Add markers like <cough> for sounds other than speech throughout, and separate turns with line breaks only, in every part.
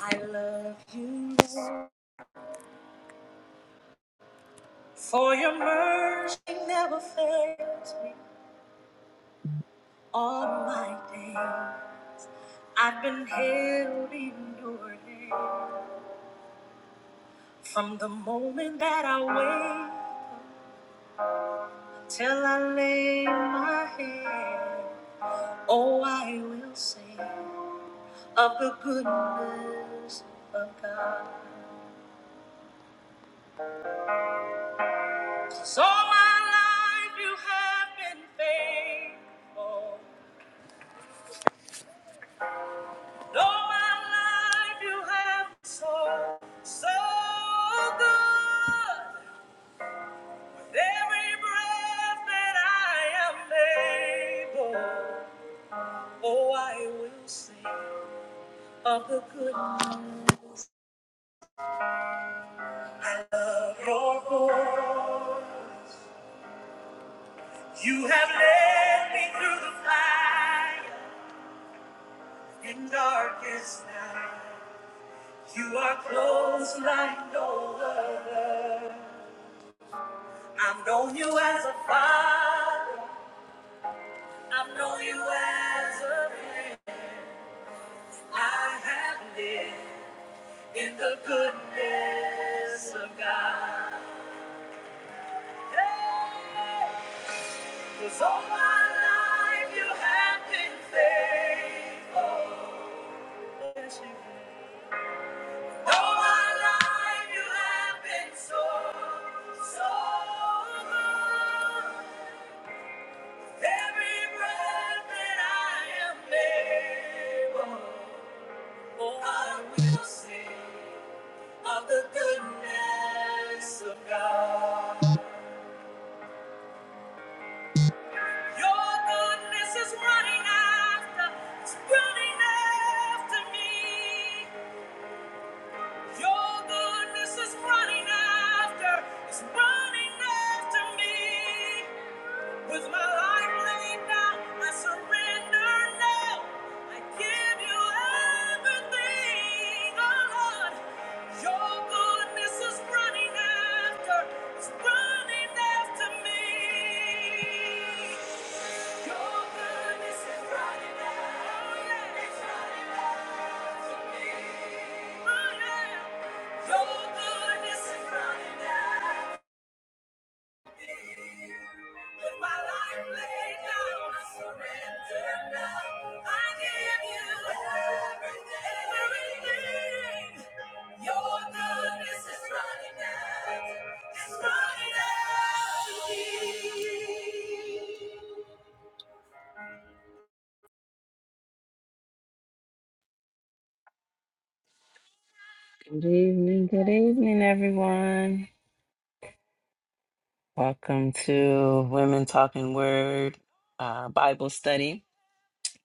I love you, Lord, for your mercy never fails me all my day. I've been held in your hand from the moment that I wake till I lay my head. Oh, I will sing of the goodness of God. So my life you have been faithful. All my life you have been so, so good. With every breath that I am able, oh, I will sing of the goodness of your voice. You have led me through the fire in darkest night. You are close like no other. I've known you as a father. I've known you as a friend. I have lived in the goodness of God. Hey, 'cause all my life you have been faithful. Yes, you have. All my life you have been so, so good. Running after, it's running after me. With my life laid down, I surrender now. I give you everything, oh Lord. Your goodness is running after, is running after me. Your goodness is running after, oh yeah, it's running after me. Oh yeah, your goodness is running after. With my life laid down, I surrender now. I give you everything. Everything. Your goodness is running out. It's running out to me. Good evening, good evening, everyone. Welcome to Women Talking Word uh, Bible Study.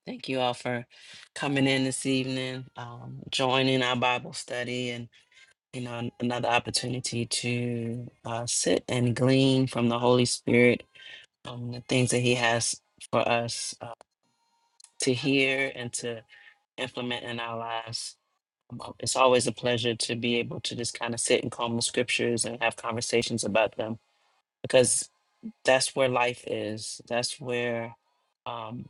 Thank you all for coming in this evening, um, joining our Bible study, and you know an- another opportunity to uh, sit and glean from the Holy Spirit um, the things that He has for us uh, to hear and to implement in our lives. Um, uh, It's always a pleasure to be able to just kind of sit and comb the scriptures and have conversations about them because that's where life is. That's where um,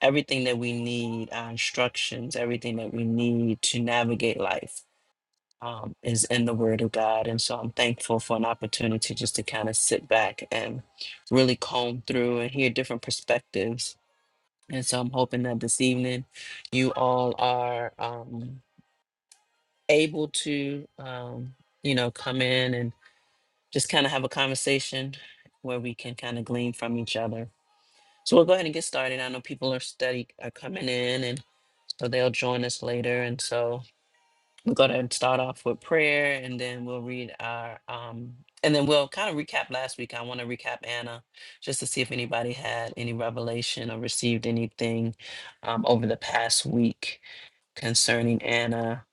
everything that we need, our instructions, everything that we need to navigate life um, is in the Word of God. And so I'm thankful for an opportunity just to kind of sit back and really comb through and hear different perspectives. And so I'm hoping that this evening you all are um, able to, um, you know, come in and just kind of have a conversation where we can kind of glean from each other So we'll go ahead and get started. I know people are steady are coming in, and so they'll join us later. And so we'll go ahead and start off with prayer, and then we'll read our um, and then we'll kind of recap last week. I want to recap Anna just to see if anybody had any revelation or received anything um, over the past week concerning Anna.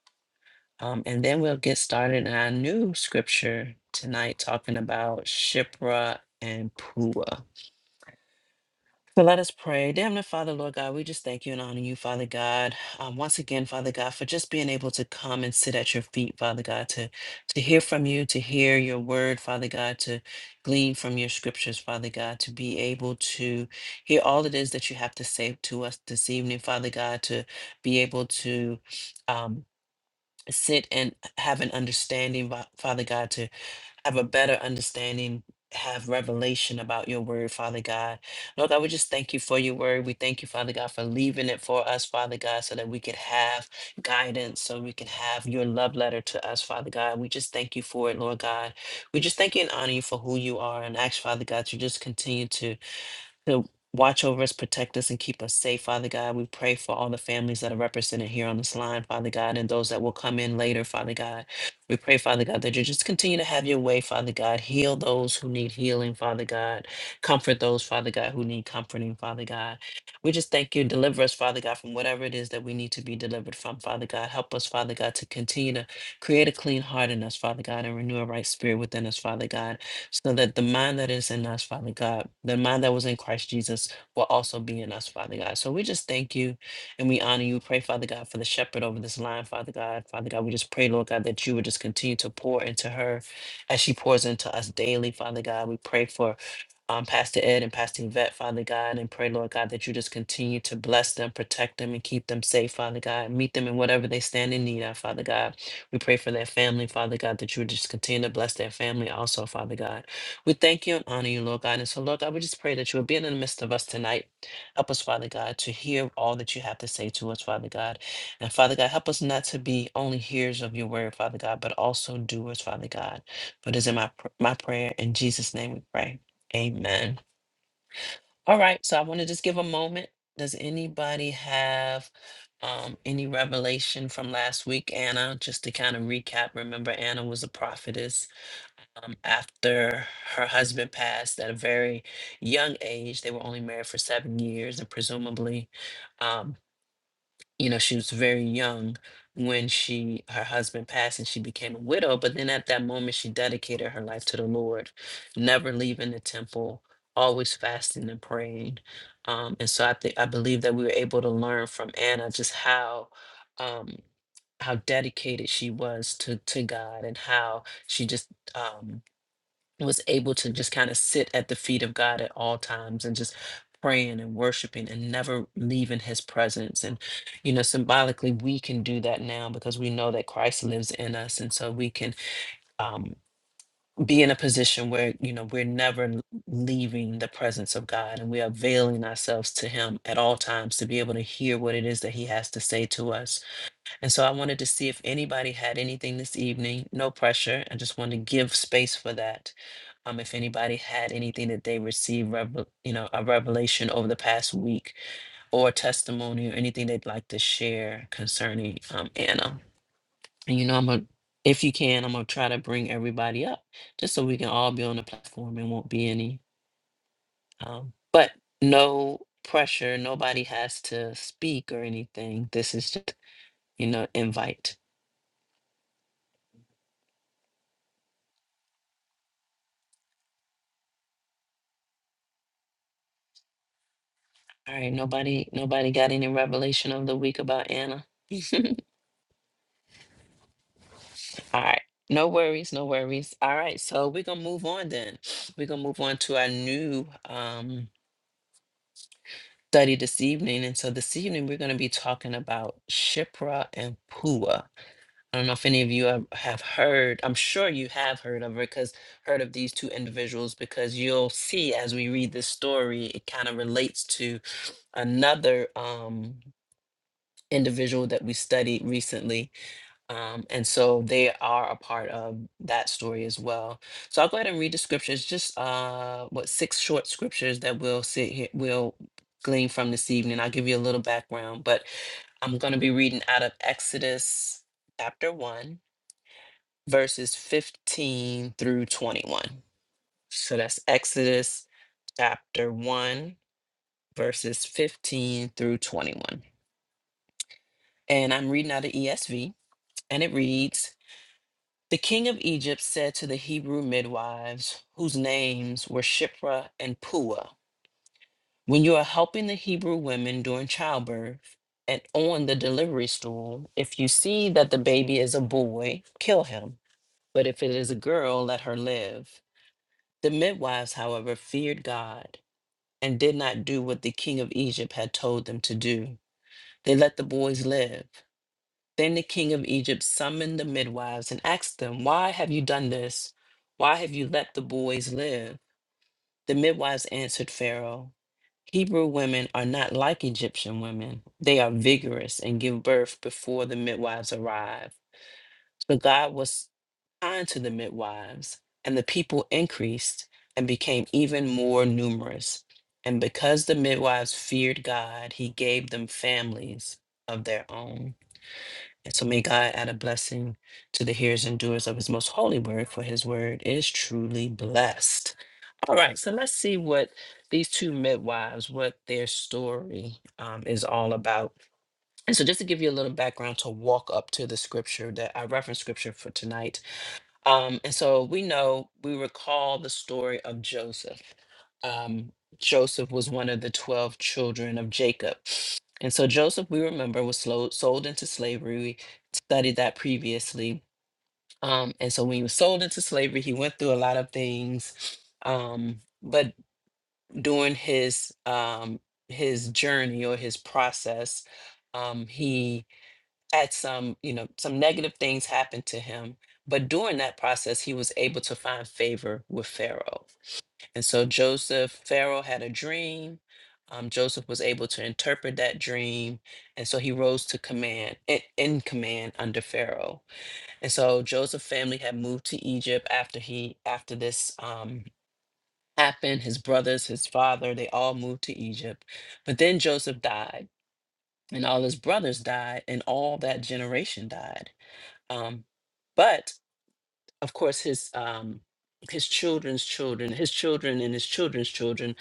Um, and then we'll get started in our new scripture tonight, talking about Shipra and Pua. So let us pray. Dear Heavenly Father, Lord God, we just thank you and honor you, Father God. Um, once again, Father God, for just being able to come and sit at your feet, Father God, to, to hear from you, to hear your word, Father God, to glean from your scriptures, Father God, to be able to hear all it is that you have to say to us this evening, Father God, to be able to um, sit and have an understanding, Va- Father God, to have a better understanding, have revelation about your word, Father God. Lord God, we just thank you for your word. We thank you, Father God, for leaving it for us, Father God, so that we could have guidance, so we can have your love letter to us, Father God. We just thank you for it, Lord God. We just thank you and honor you for who you are and ask, Father God, to just continue to to watch over us, protect us, and keep us safe, Father God. We pray for all the families that are represented here on this line, Father God, and those that will come in later, Father God. We pray, Father God, that you just continue to have your way, Father God. Heal those who need healing, Father God. Comfort those, Father God, who need comforting, Father God. We just thank you. Deliver us, Father God, from whatever it is that we need to be delivered from, Father God. Help us, Father God, to continue to create a clean heart in us, Father God, and renew a right spirit within us, Father God so that the mind that is in us, Father God, the mind that was in Christ Jesus will also be in us, Father God. So we just thank you and we honor you. Pray, Father God, for the shepherd over this line, Father God. Father God, we just pray, Lord God, that you would just continue to pour into her as she pours into us daily, Father God. We pray for um, Pastor Ed and Pastor Yvette, Father God, and pray, Lord God, that you just continue to bless them, protect them, and keep them safe, Father God. Meet them in whatever they stand in need of, Father God. We pray for their family, Father God, that you would just continue to bless their family also, Father God. We thank you and honor you, Lord God. And so, Lord God, we just pray that you would be in the midst of us tonight. Help us, Father God, to hear all that you have to say to us, Father God. And Father God, help us not to be only hearers of your word, Father God, but also doers, Father God. For it is in my, pr- my prayer. In Jesus' name we pray. Amen. All right, so I want to just give a moment. Does anybody have um, any revelation from last week, Anna? Just to kind of recap, remember Anna was a prophetess um, after her husband passed at a very young age. They were only married for seven years, and presumably um, you know she was very young when she her husband passed and she became a widow but then at that moment she dedicated her life to the lord never leaving the temple always fasting and praying um, and so i think i believe that we were able to learn from anna just how um, how dedicated she was to to god and how she just um was able to just kind of sit at the feet of God at all times and just praying and worshiping and never leaving his presence and you know symbolically we can do that now because we know that christ lives in us and so we can um, be in a position where you know we're never l- leaving the presence of god and we are availing ourselves to him at all times to be able to hear what it is that he has to say to us and so I wanted to see if anybody had anything this evening. No pressure. I just wanted to give space for that. Um, if anybody had anything that they received, revel- you know, a revelation over the past week or testimony or anything they'd like to share concerning um, Anna. And you know, I'm gonna, if you can, I'm gonna try to bring everybody up just so we can all be on the platform and won't be any. Um, but no pressure. Nobody has to speak or anything. This is just, you know, invite. All right, nobody nobody got any revelation of the week about Anna? <laughs> All right. No worries, no worries. All right, so we're gonna move on then. <sniffs> We're gonna move on to our new um study this evening. And so this evening we're gonna be talking about Shipra and Pua. I don't know if any of you have have heard, I'm sure you have heard of her because heard of these two individuals because you'll see as we read this story, it kind of relates to another um individual that we studied recently Um, and so they are a part of that story as well. So I'll go ahead and read the scriptures, just uh, what six short scriptures that we'll sit here, we'll glean from this evening. I'll give you a little background, but I'm going to be reading out of Exodus chapter 1, verses 15 through 21. So that's Exodus chapter 1, verses 15 through 21. And I'm reading out of ESV, and it reads, The king of Egypt said to the Hebrew midwives, whose names were Shipra and Puah, When you are helping the Hebrew women during childbirth and on the delivery stool, if you see that the baby is a boy, kill him. But if it is a girl, let her live. The midwives, however, feared God and did not do what the king of Egypt had told them to do. They let the boys live. Then the king of Egypt summoned the midwives and asked them, Why have you done this? Why have you let the boys live? The midwives answered Pharaoh, Hebrew women are not like Egyptian women. They are vigorous and give birth before the midwives arrive. But God was kind to the midwives, and the people increased and became even more numerous. And because the midwives feared God, he gave them families of their own. So may God add a blessing to the hearers and doers of his most holy word, for his word is truly blessed. All right, so let's see what these two midwives, what their story um, is all about. And so just to give you a little background to walk up to the scripture that I reference scripture for tonight um, and so we know, we recall the story of Joseph. Um, Joseph was one of the 12 children of Jacob. And so Joseph, we remember, was slow, sold into slavery. We studied that previously. Um, and so when he was sold into slavery, he went through a lot of things. Um, but during his um, his journey or his process, um, he had some, you know, some negative things happen to him. But during that process, he was able to find favor with Pharaoh. And so Joseph, Pharaoh had a dream. Um, Joseph was able to interpret that dream. And so he rose to command, in, in command under Pharaoh. And so Joseph's family had moved to Egypt after he, after this um, happened. His brothers, his father, they all moved to Egypt. But then Joseph died, and all his brothers died, and all that generation died. Um, but of course, his um, his children's children, his children and his children's children,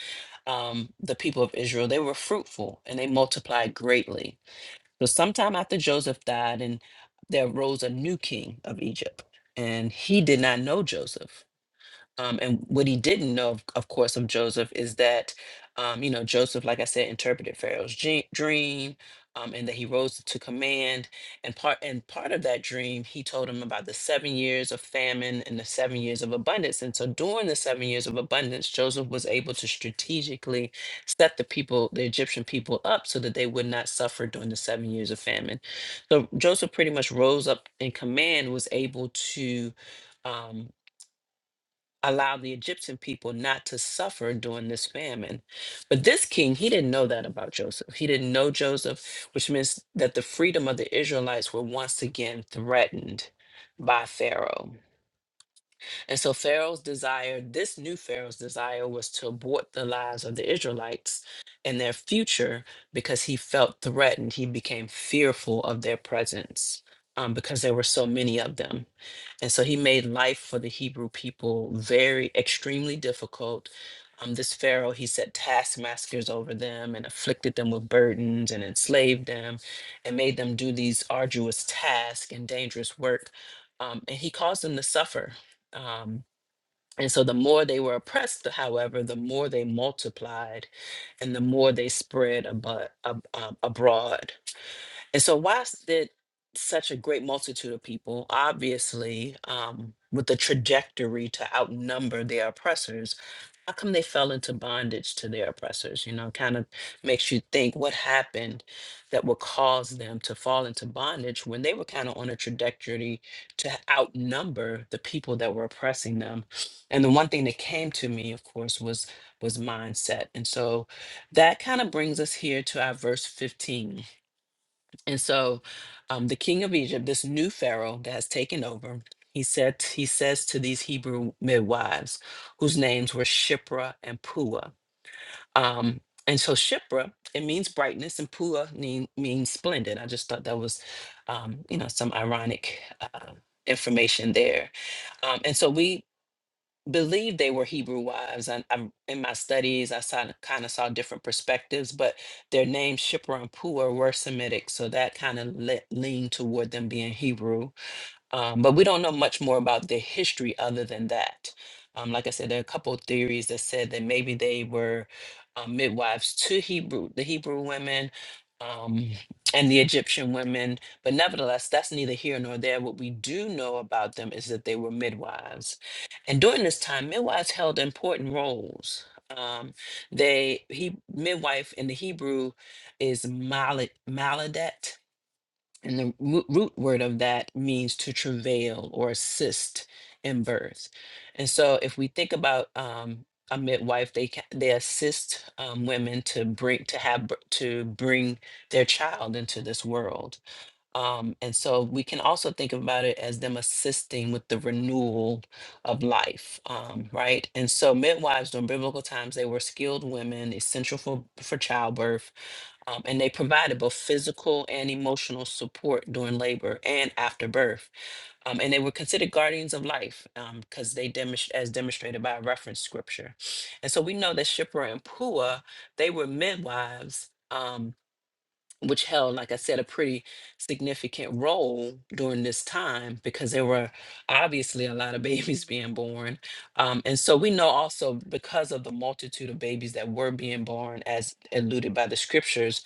um, the people of Israel, they were fruitful and they multiplied greatly. So, sometime after Joseph died, and there arose a new king of Egypt, and he did not know Joseph. Um, and what he didn't know, of, of course, of Joseph is that, um, you know, Joseph, like I said, interpreted Pharaoh's dre- dream, um, and that he rose to command. And part and part of that dream, he told him about the seven years of famine and the seven years of abundance. And so, during the seven years of abundance, Joseph was able to strategically set the people, the Egyptian people, up so that they would not suffer during the seven years of famine. So Joseph pretty much rose up in command, was able to. Um, allowed the Egyptian people not to suffer during this famine. But this king, he didn't know that about Joseph. He didn't know Joseph, which means that the freedom of the Israelites were once again threatened by Pharaoh. And so Pharaoh's desire, this new Pharaoh's desire, was to abort the lives of the Israelites and their future because he felt threatened. He became fearful of their presence um, because there were so many of them. And so he made life for the Hebrew people very, extremely difficult. Um, this Pharaoh, he set taskmasters over them and afflicted them with burdens and enslaved them and made them do these arduous tasks and dangerous work. Um, and he caused them to suffer. Um, and so the more they were oppressed, however, the more they multiplied and the more they spread abo- ab- um, abroad. And so, why's did such a great multitude of people, obviously, um, with the trajectory to outnumber their oppressors, how come they fell into bondage to their oppressors? You know, kind of makes you think what happened that would cause them to fall into bondage when they were kind of on a trajectory to outnumber the people that were oppressing them. And the one thing that came to me, of course, was was mindset. And so that kind of brings us here to our verse 15 and so um, the king of Egypt, this new Pharaoh that has taken over, he said he says to these Hebrew midwives, whose names were Shipra and Pua. Um, and so Shipra, it means brightness, and Pua mean, means splendid. I just thought that was, um, you know, some ironic uh, information there. Um, and so we believed they were Hebrew wives. And I'm in my studies, I saw, kind of saw different perspectives, but their names Shipra and Pua were Semitic, so that kind of le- leaned toward them being Hebrew. Um, but we don't know much more about their history other than that. Um, like I said, there are a couple of theories that said that maybe they were uh, midwives to Hebrew, the Hebrew women, um, and the Egyptian women. But nevertheless, that's neither here nor there. What we do know about them is that they were midwives, and during this time, midwives held important roles. Um, they he midwife in the Hebrew is maladet, and the roo- root word of that means to travail or assist in birth. And so if we think about um, a midwife, they ca- they assist um, women to bring to have b- to bring their child into this world. Um, and so we can also think about it as them assisting with the renewal of life, um, right? And so midwives during biblical times, they were skilled women, essential for, for childbirth, um, and they provided both physical and emotional support during labor and after birth. Um, and they were considered guardians of life because they demonst- as demonstrated by reference scripture. And so we know that Shipra and Pua, they were midwives. um, which held, like I said, a pretty significant role during this time because there were obviously a lot of <laughs> babies being born. Um, and so we know also because of the multitude of babies that were being born, as alluded by the scriptures,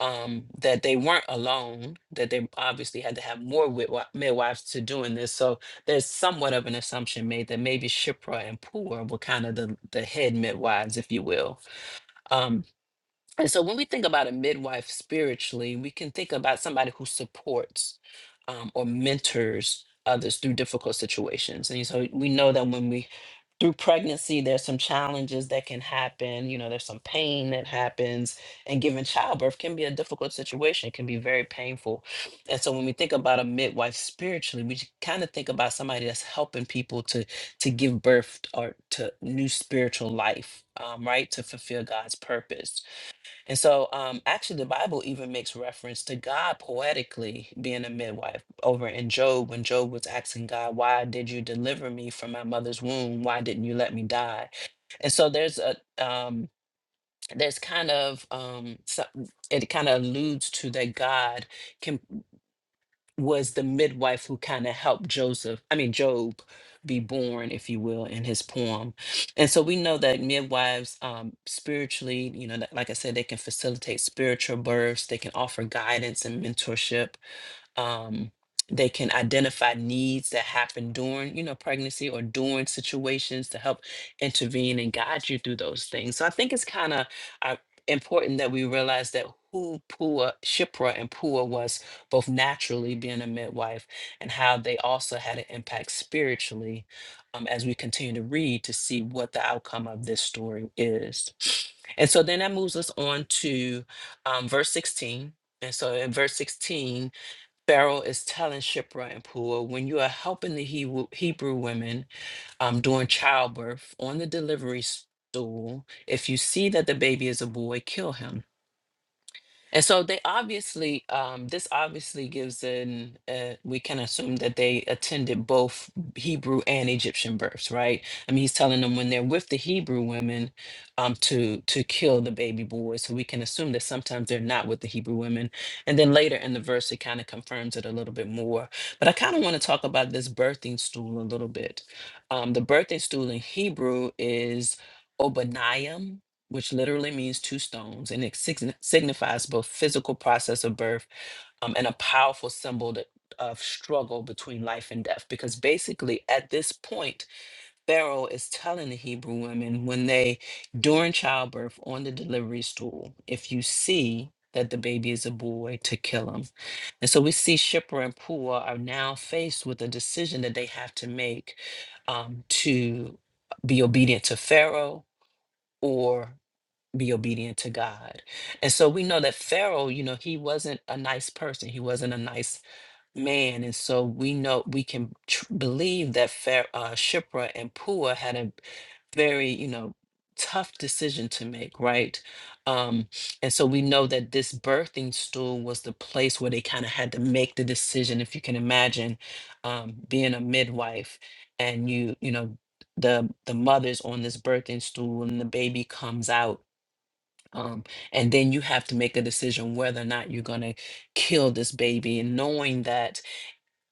um, that they weren't alone, that they obviously had to have more widwi- midwives to doing this. So there's somewhat of an assumption made that maybe Shipra and Pur were kind of the, the head midwives, if you will. Um, and so when we think about a midwife spiritually, we can think about somebody who supports um, or mentors others through difficult situations. And so we know that when we through pregnancy, there's some challenges that can happen. You know, there's some pain that happens, and giving childbirth can be a difficult situation, it can be very painful. And so, when we think about a midwife spiritually, we kind of think about somebody that's helping people to to give birth or to new spiritual life, um, right, to fulfill God's purpose. And so, um, actually, the Bible even makes reference to God poetically being a midwife over in Job when Job was asking God, Why did you deliver me from my mother's womb? Why didn't you let me die? And so, there's a, um, there's kind of, um, so- it kind of alludes to that God can was the midwife who kind of helped Joseph, I mean, Job be born, if you will, in his poem. And so we know that midwives um, spiritually, you know, that- like I said, they can facilitate spiritual births, they can offer guidance and mentorship um, they can identify needs that happen during you know pregnancy or during situations to help intervene and guide you through those things so i think it's kind of uh, important that we realize that who Pua, Shipra and Pua was both naturally being a midwife and how they also had an impact spiritually um, as we continue to read to see what the outcome of this story is. And so then that moves us on to um, verse 16. And so in verse 16, Pharaoh is telling Shipra and Pua, when you are helping the Hebrew, Hebrew women um, during childbirth on the delivery stool, if you see that the baby is a boy, kill him. And so they obviously, um, this obviously gives an, uh, we can assume that they attended both Hebrew and Egyptian births, right? I mean, he's telling them when they're with the Hebrew women, um, to to kill the baby boy. So we can assume that sometimes they're not with the Hebrew women. And then later in the verse, it kind of confirms it a little bit more. But I kind of want to talk about this birthing stool a little bit. Um, the birthing stool in Hebrew is Obaniah which literally means two stones, and it signi- signifies both physical process of birth um, and a powerful symbol that, of struggle between life and death. Because basically, at this point, Pharaoh is telling the Hebrew women when they, during childbirth, on the delivery stool, if you see that the baby is a boy, to kill him. And so we see Shipra and Pua are now faced with a decision that they have to make um, to be obedient to Pharaoh. Or be obedient to God. And so we know that Pharaoh, you know, he wasn't a nice person. He wasn't a nice man. And so we know we can tr- believe that Pharaoh, uh, Shipra and Pua had a very, you know, tough decision to make, right? Um, and so we know that this birthing stool was the place where they kind of had to make the decision. If you can imagine um, being a midwife and you, you know, the the mother's on this birthing stool and the baby comes out um, and then you have to make a decision whether or not you're going to kill this baby, and knowing that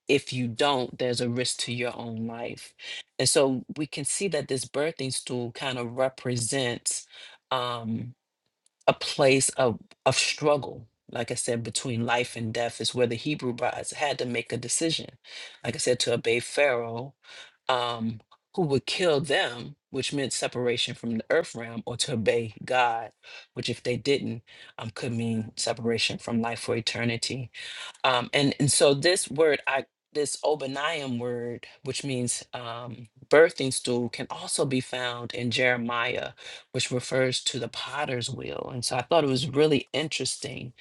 if you don't, there's a risk to your own life. And so we can see that this birthing stool kind of represents. Um, a place of of struggle like i said between life and death is where the hebrew brides had to make a decision like i said to obey pharaoh um who would kill them which meant separation from the earth realm or to obey god which if they didn't um could mean separation from life for eternity um, and and so this word, I this Obaniam word, which means um, birthing stool, can also be found in Jeremiah, which refers to the potter's wheel. And so I thought it was really interesting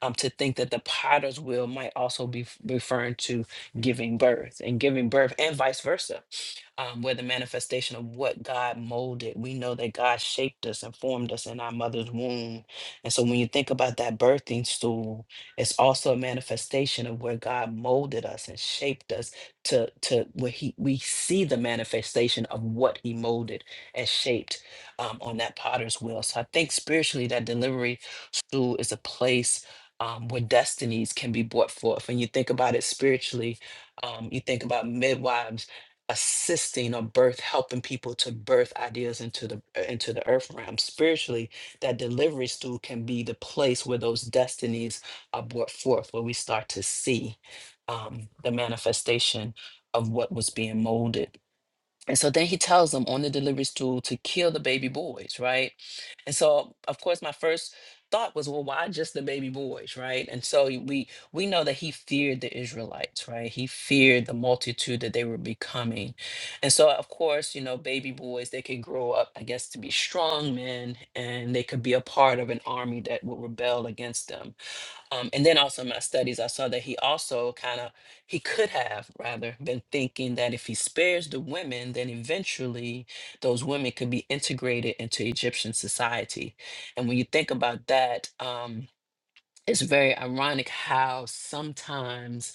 um, to think that the potter's wheel might also be f- referring to giving birth and giving birth, and vice versa, um, where the manifestation of what God molded. We know that God shaped us and formed us in our mother's womb. And so when you think about that birthing stool, it's also a manifestation of where God molded us and shaped us to, to where he, we see the manifestation of what he molded and shaped um, on that potter's wheel. So I think spiritually that delivery school is a place um, where destinies can be brought forth. When you think about it spiritually, um, you think about midwives assisting or birth helping people to birth ideas into the uh, into the earth realm spiritually that delivery stool can be the place where those destinies uh, brought forth, where we start to see um, the manifestation of what was being molded. And so then he tells them on the delivery stool to kill the baby boys, right? And so, of course, my first thought was, well, why just the baby boys, right? And so y- we we know that he feared the Israelites, right? He feared the multitude that they were becoming. And so, of course, you know, baby boys, they could grow up, I guess, to be strong men and they could be a part of an army that would rebel against them. Um, and then also in my studies, I saw that he also kind of, he could have rather been thinking that if he spares the women, then eventually those women could be integrated into Egyptian society. And when you think about that, um, it's very ironic how sometimes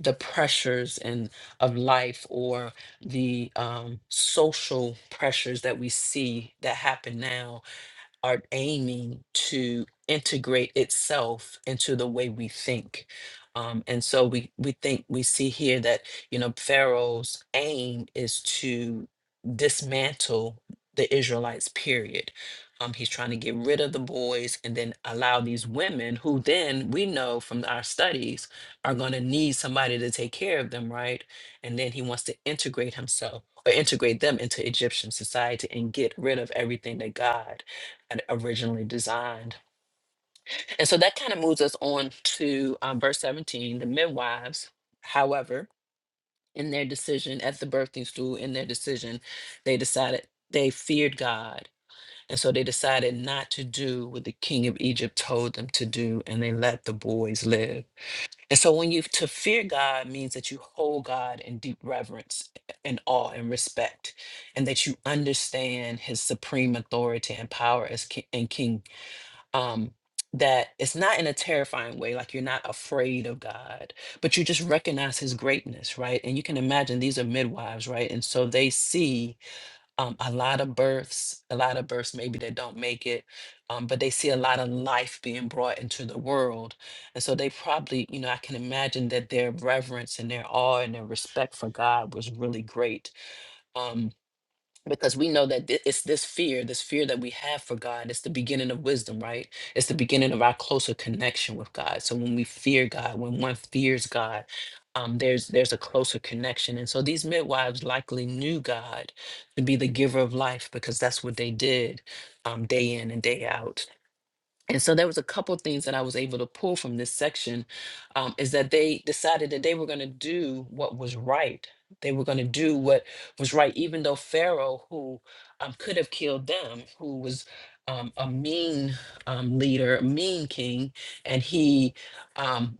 the pressures and of life or the um, social pressures that we see that happen now are aiming to integrate itself into the way we think. Um, and so we we think we see here that you know Pharaoh's aim is to dismantle the Israelites. Period. Um, he's trying to get rid of the boys and then allow these women, who then we know from our studies are going to need somebody to take care of them, right? And then he wants to integrate himself or integrate them into Egyptian society and get rid of everything that God had originally designed. And so that kind of moves us on to um, verse 17. The midwives, however, in their decision at the birthing stool, in their decision, they decided they feared God. And so they decided not to do what the king of Egypt told them to do, and they let the boys live. And so when you to fear God means that you hold God in deep reverence and awe and respect, and that you understand his supreme authority and power as king, and king um that it's not in a terrifying way like you're not afraid of god but you just recognize his greatness right and you can imagine these are midwives right and so they see um, a lot of births a lot of births maybe that don't make it um, but they see a lot of life being brought into the world and so they probably you know i can imagine that their reverence and their awe and their respect for god was really great um, because we know that thi- it's this fear, this fear that we have for God, it's the beginning of wisdom, right? It's the beginning of our closer connection with God. So when we fear God, when one fears God, um, there's there's a closer connection. And so these midwives likely knew God to be the giver of life because that's what they did um, day in and day out and so there was a couple things that I was able to pull from this section um, is that they decided that they were going to do what was right. They were going to do what was right, even though Pharaoh, who um, could have killed them, who was um, a mean um, leader, a mean king, and he um,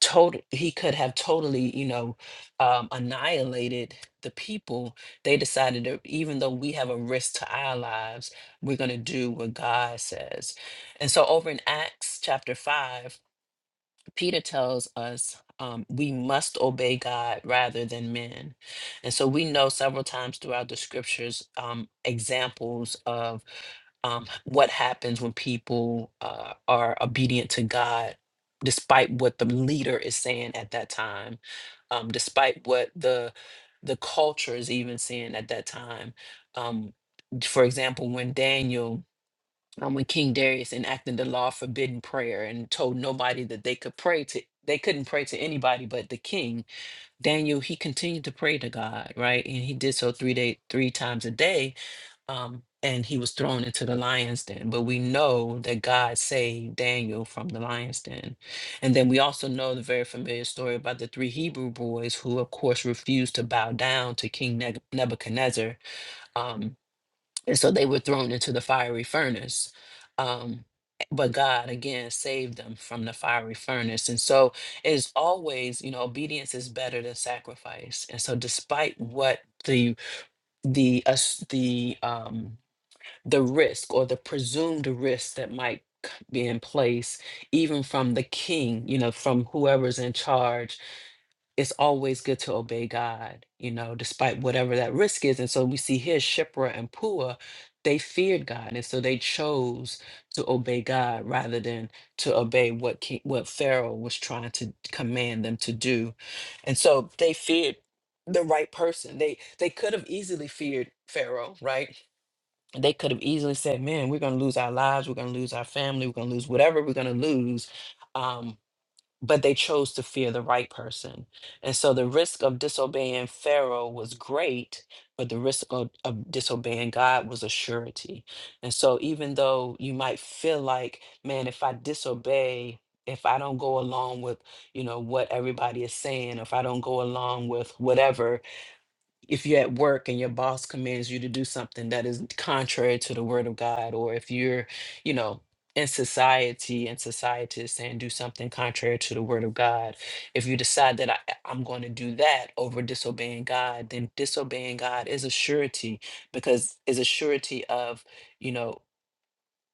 total he could have totally you know um, annihilated the people they decided that even though we have a risk to our lives we're going to do what god says and so over in acts chapter 5 Peter tells us um, we must obey God rather than men. And so we know several times throughout the scriptures um, examples of um, what happens when people uh, are obedient to God, despite what the leader is saying at that time, um, despite what the the culture is even saying at that time. Um, for example, when Daniel um, when King Darius enacted the law forbidding prayer and told nobody that they could pray to, they couldn't pray to anybody but the king. Daniel he continued to pray to God, right? And he did so three day, three times a day. Um, and he was thrown into the lion's den. But we know that God saved Daniel from the lion's den. And then we also know the very familiar story about the three Hebrew boys who, of course, refused to bow down to King Neb- Nebuchadnezzar. Um, and so they were thrown into the fiery furnace. Um, but God again saved them from the fiery furnace. And so it's always, you know, obedience is better than sacrifice. And so despite what the the us the um the risk or the presumed risk that might c- be in place, even from the king, you know, from whoever's in charge, it's always good to obey God, you know, despite whatever that risk is. And so we see here Shipra and Pua, they feared God, and so they chose to obey God rather than to obey what king, what Pharaoh was trying to command them to do. And so they feared the right person. They they could have easily feared Pharaoh, right? They could have easily said, "Man, we're going to lose our lives. We're going to lose our family. We're going to lose whatever we're going to lose." um, but they chose to fear the right person. And so the risk of disobeying Pharaoh was great, but the risk of, of disobeying God was a surety. And so even though you might feel like, man, if I disobey, if I don't go along with, you know, what everybody is saying, if I don't go along with whatever, if you're at work and your boss commands you to do something that is contrary to the word of God, or if you're, you know, in society and society is saying do something contrary to the word of God, if you decide that I, I'm going to do that over disobeying God, then disobeying God is a surety because is a surety of, you know,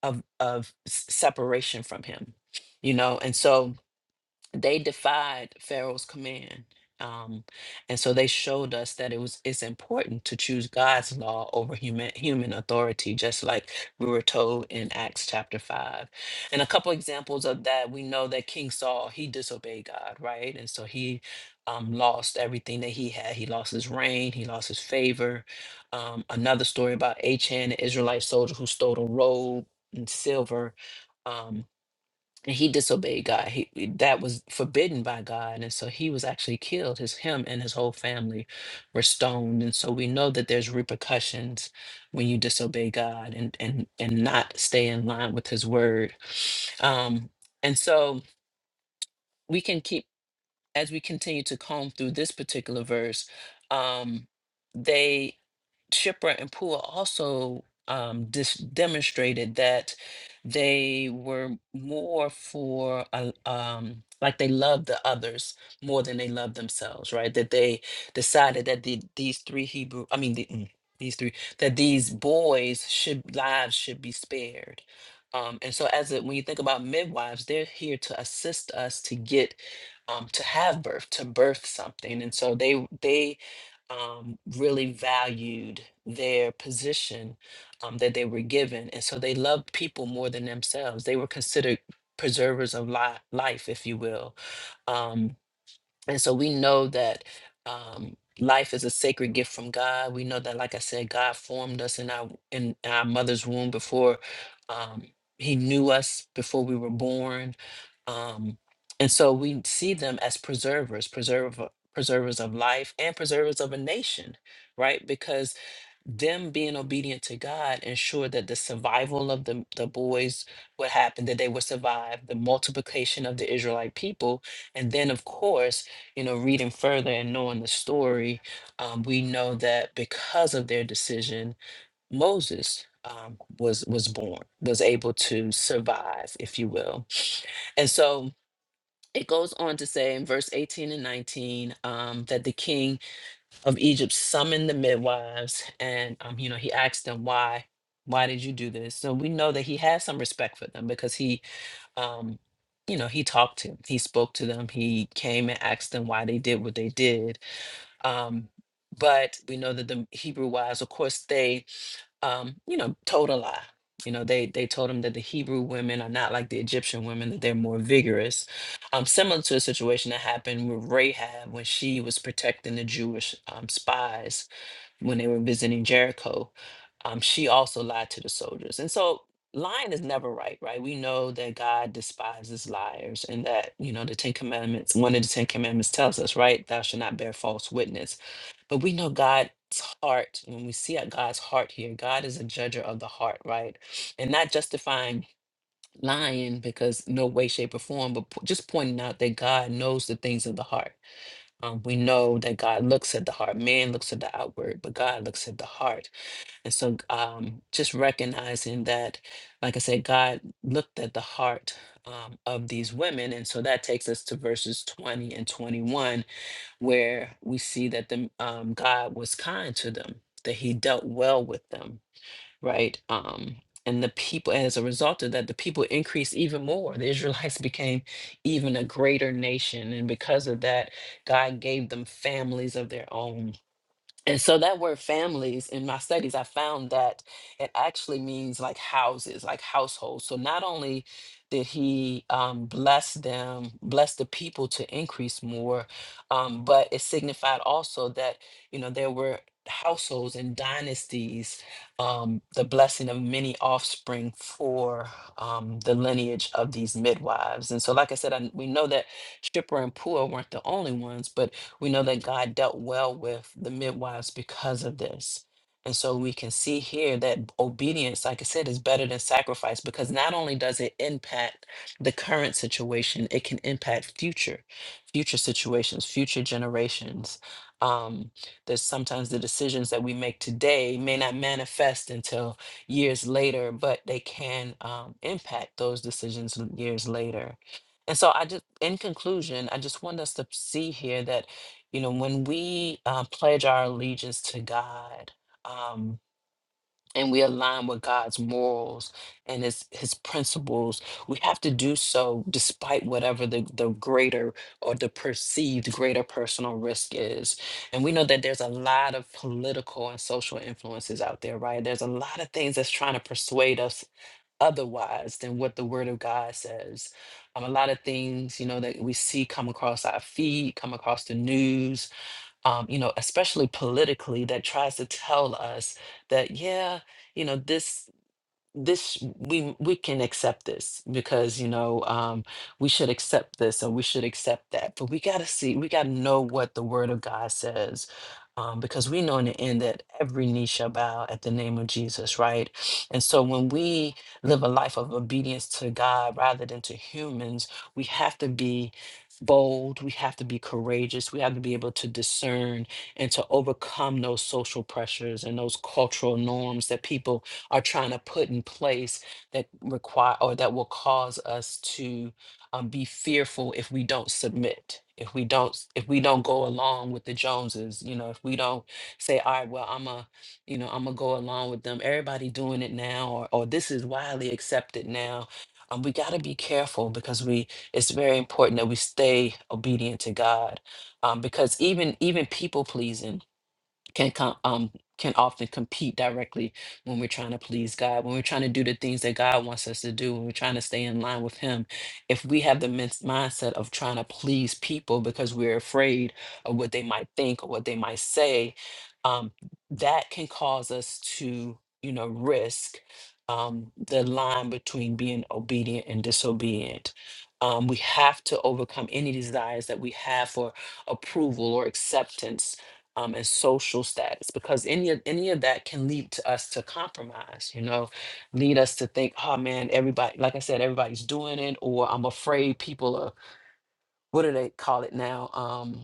of of s- separation from Him, you know, and so they defied Pharaoh's command. Um, and so they showed us that it was it's important to choose God's law over human human authority, just like we were told in Acts chapter five. And a couple examples of that, we know that King Saul he disobeyed God, right? And so he um, lost everything that he had. He lost his reign, he lost his favor. Um, another story about Achan, an Israelite soldier who stole a robe and silver um, and he disobeyed God. He he- that was forbidden by God, and so he was actually killed. His him and his whole family were stoned, and so we know that there's repercussions when you disobey God and and and not stay in line with His word. Um, and so we can keep as we continue to comb through this particular verse. Um, they Shipra and Pua also um, dis- demonstrated that they were more for uh, um, like they loved the others more than they loved themselves, right? That they decided that the, these three Hebrew, I mean the, mm, these three, that these boys should lives should be spared. Um, and so, as a, when you think about midwives, they're here to assist us to get um, to have birth, to birth something, and so they they um, really valued their position um, that they were given. And so they loved people more than themselves. They were considered preservers of li- life, if you will. Um, and so we know that um, life is a sacred gift from God. We know that, like I said, God formed us in our in our mother's womb before um, He knew us before we were born, um, and so we see them as preservers, preserver, preservers of life, and preservers of a nation, right? Because them being obedient to God ensured that the survival of the, the boys would happen, that they would survive, the multiplication of the Israelite people. And then, of course, you know, reading further and knowing the story, um, we know that because of their decision, Moses um, was was born, was able to survive, if you will. And so it goes on to say in verse 18 and 19 um, that the king of Egypt summoned the midwives and um, you know he asked them why why did you do this so we know that he had some respect for them because he um you know he talked to them he spoke to them he came and asked them why they did what they did um but we know that the Hebrew wives of course they um, you know, told a lie. You know, they they told him that the Hebrew women are not like the Egyptian women; that they're more vigorous. Um, similar to a situation that happened with Rahab when she was protecting the Jewish um, spies when they were visiting Jericho, um, she also lied to the soldiers. And so lying is never right, right? We know that God despises liars and that, you know, the Ten Commandments, one of the Ten Commandments tells us, right? Thou shalt not bear false witness. But we know God's heart, when we see at God's heart here, God is a judger of the heart, right? And not justifying lying because no way, shape, or form, but po- just pointing out that God knows the things of the heart. Um, we know that God looks at the heart. Man looks at the outward, but God looks at the heart. And so, um, just recognizing that, like I said, God looked at the heart um, of these women. And so that takes us to verses 20 and 21, where we see that the, um, God was kind to them, that he dealt well with them right? Um, and the people, as a result of that, the people increased even more. The Israelites <laughs> became even a greater nation. And because of that, God gave them families of their own and so that word families in my studies, I found that it actually means like houses, like households. So not only did he um, bless them, bless the people to increase more, um, but it signified also that, you know, there were households and dynasties, um, the blessing of many offspring for um, the lineage of these midwives. And so, like I said, I, we know that Shipra and Pua weren't the only ones, but we know that God dealt well with the midwives because of this. And so we can see here that obedience, like I said, is better than sacrifice because not only does it impact the current situation, it can impact future, future situations, future generations. Um, that sometimes the decisions that we make today may not manifest until years later, but they can um, impact those decisions years later. And so I just in conclusion, I just want us to see here that you know, when we uh, pledge our allegiance to God um, and we align with God's morals and his, his principles, we have to do so despite whatever the, the greater or the perceived greater personal risk is. And we know that there's a lot of political and social influences out there, right? There's a lot of things that's trying to persuade us otherwise than what the Word of God says. Um, a lot of things, you know, that we see come across our feed, come across the news um, you know, especially politically, that tries to tell us that, yeah, you know, this this we we can accept this because you know um we should accept this and we should accept that but we got to see we got to know what the word of god says um because we know in the end that every knee shall bow at the name of jesus right and so when we live a life of obedience to god rather than to humans we have to be bold we have to be courageous we have to be able to discern and to overcome those social pressures and those cultural norms that people are trying to put in place that require or that will cause us to um, be fearful if we don't submit if we don't s- if we don't go along with the joneses you know if we don't say all right well i'm a you know i'm gonna go along with them everybody doing it now or, or this is widely accepted now um, we got to be careful because we it's very important that we stay obedient to god um, because even even people pleasing can com- um can often compete directly when we're trying to please God, when we're trying to do the things that God wants us to do, when we're trying to stay in line with Him. If we have the min- mindset of trying to please people because we're afraid of what they might think or what they might say, um, that can cause us to, you know, risk um, the line between being obedient and disobedient. Um, we have to overcome any desires that we have for approval or acceptance um, and social status because any of any of that can lead to us to compromise you know lead us to think oh man everybody like i said everybody's doing it or i'm afraid people are what do they call it now? Um,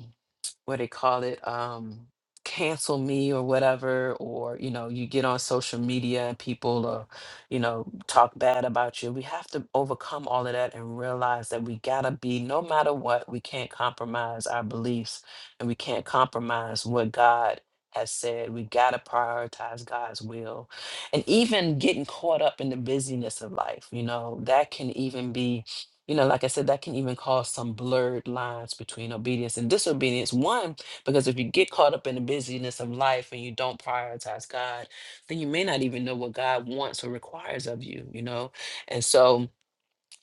what do they call it? Um, cancel me or whatever, or you know, you get on social media and people are, you know, talk bad about you. We have to overcome all of that and realize that we gotta be, no matter what, we can't compromise our beliefs and we can't compromise what God has said. We gotta prioritize God's will. And even getting caught up in the busyness of life, you know, that can even be you know, like I said, that can even cause some blurred lines between obedience and disobedience. One, because if you get caught up in the busyness of life and you don't prioritize God, then you may not even know what God wants or requires of you, you know? And so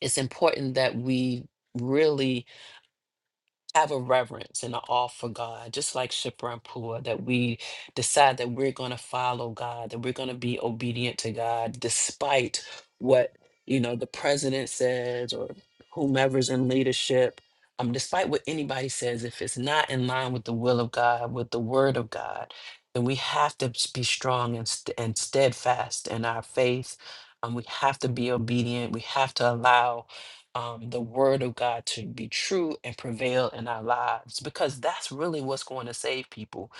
it's important that we really have a reverence and an awe for God, just like Shipra and Pua, that we decide that we're going to follow God, that we're going to be obedient to God, despite what you know the president says or whomever's in leadership. Um, despite what anybody says, if it's not in line with the will of God, with the Word of God, then we have to s- be strong and, st- and steadfast in our faith. Um, we have to be obedient. We have to allow um, the word of God to be true and prevail in our lives because that's really what's going to save people.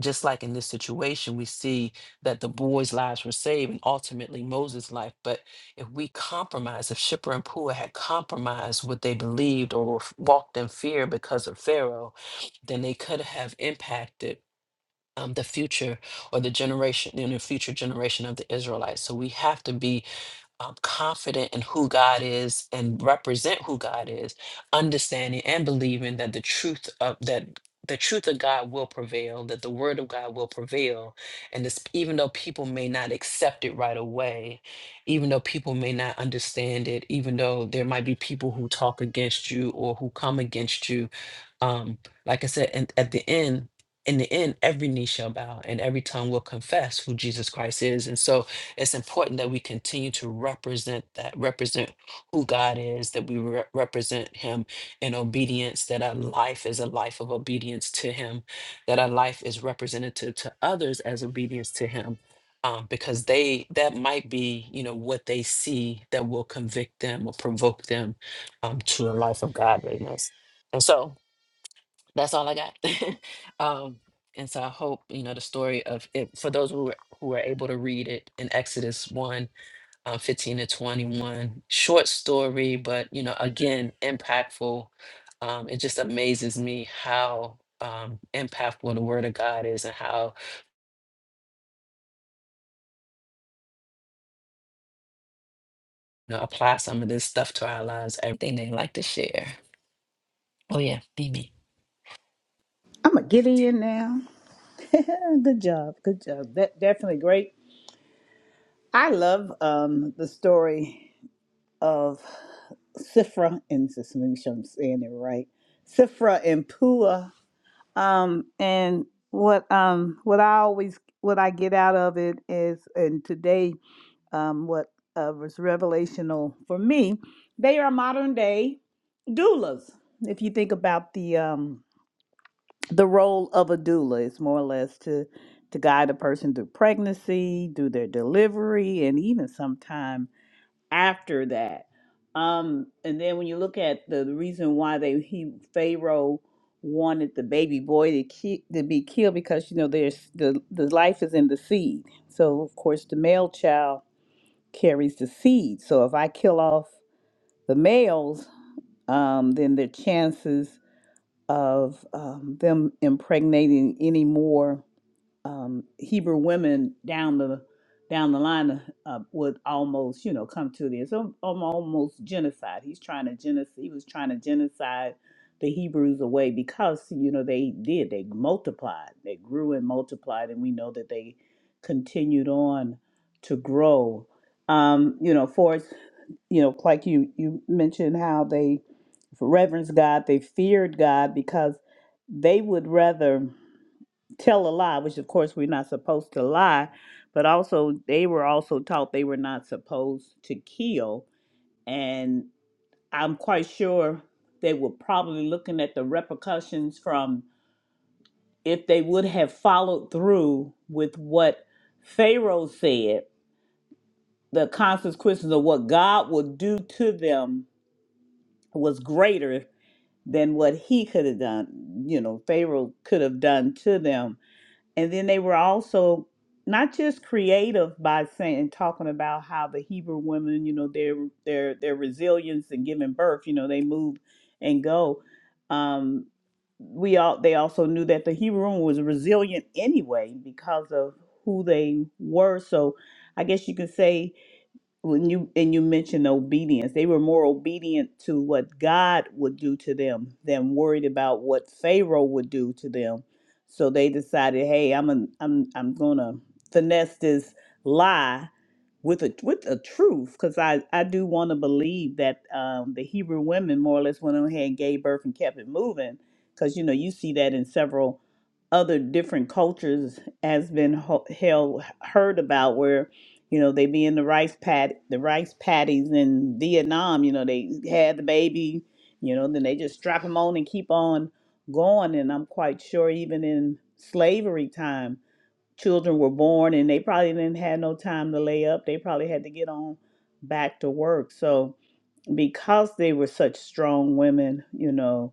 Just like in this situation, we see that the boys' lives were saved and ultimately Moses' life. But if we compromise, if Shipper and Pua had compromised what they believed or f- walked in fear because of Pharaoh, then they could have impacted. Um, the future or the generation, you know, future generation of the Israelites. So we have to be um, confident in who God is and represent who God is, understanding and believing that the truth of that the truth of God will prevail, that the word of God will prevail, and this, even though people may not accept it right away, even though people may not understand it, even though there might be people who talk against you or who come against you, um, like I said, and at the end. In the end, every knee shall bow and every tongue will confess who Jesus Christ is. And so it's important that we continue to represent that, represent who God is, that we re- represent Him in obedience, that our life is a life of obedience to Him, that our life is representative to others as obedience to Him. Um, because they that might be you know what they see that will convict them or provoke them um, to a life of godliness and so that's all I got. <laughs> um, and so I hope you know the story of it for those who were, who were able to read it in Exodus 1, uh, 15 to 21. Short story, but you know, again, impactful. Um, it just amazes me how um, impactful the Word of God is, and how you know apply some of this stuff to our lives. Everything they like to share. Oh yeah, be me.
I'm a Gideon now. <laughs> good job. Good job. That definitely great. I love um, the story of Sifra and just make sure I'm saying it right. Sifra and Pua. Um, and what um what I always what I get out of it is and today um what uh, was revelational for me, they are modern day doulas. If you think about the um the role of a doula is more or less to to guide a person through pregnancy, through their delivery, and even sometime after that. Um, and then when you look at the reason why they he Pharaoh wanted the baby boy to ki- to be killed because you know there's the the life is in the seed. So of course the male child carries the seed. So if I kill off the males, um, then their chances of um, them impregnating any more um, Hebrew women down the down the line uh, uh, would almost, you know, come to this um, um, almost genocide. He's trying to genocide. He was trying to genocide the Hebrews away because you know they did. They multiplied. They grew and multiplied, and we know that they continued on to grow. Um, you know, for us you know, like you you mentioned how they reverenced God, they feared God because they would rather tell a lie, which of course we're not supposed to lie, but also they were also taught they were not supposed to kill. And I'm quite sure they were probably looking at the repercussions from if they would have followed through with what Pharaoh said, the consequences of what God would do to them was greater than what he could have done, you know, Pharaoh could have done to them. And then they were also not just creative by saying talking about how the Hebrew women, you know, their their their resilience and giving birth, you know, they move and go. Um we all they also knew that the Hebrew woman was resilient anyway because of who they were. So I guess you can say when you and you mentioned obedience they were more obedient to what god would do to them than worried about what pharaoh would do to them so they decided hey i'm a, i'm i'm gonna finesse this lie with a with a truth because I I do want to believe that um, the Hebrew women more or less went on ahead and gave birth and kept it moving because you know you see that in several other different cultures has been ho- held heard about where you know they be in the rice pat the rice patties in Vietnam you know they had the baby you know then they just strap them on and keep on going and I'm quite sure even in slavery time children were born and they probably didn't have no time to lay up. They probably had to get on back to work. So because they were such strong women, you know,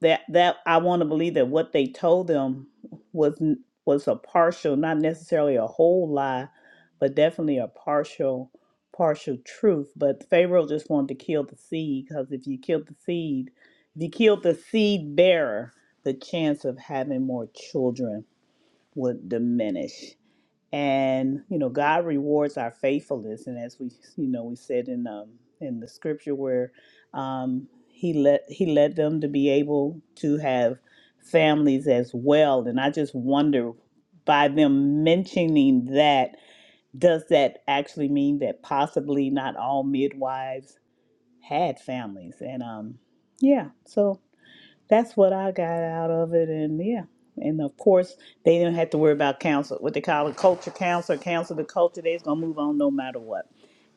that that I want to believe that what they told them was n- was a partial, not necessarily a whole lie, but definitely a partial partial truth. But Pharaoh just wanted to kill the seed because if you killed the seed, if you killed the seed bearer, the chance of having more children would diminish and you know god rewards our faithfulness and as we you know we said in um in the scripture where um he let he led them to be able to have families as well and i just wonder by them mentioning that does that actually mean that possibly not all midwives had families and um yeah so that's what I got out of it, and yeah, and of course they didn't have to worry about council, what they call a culture council, council the culture. They's gonna move on no matter what,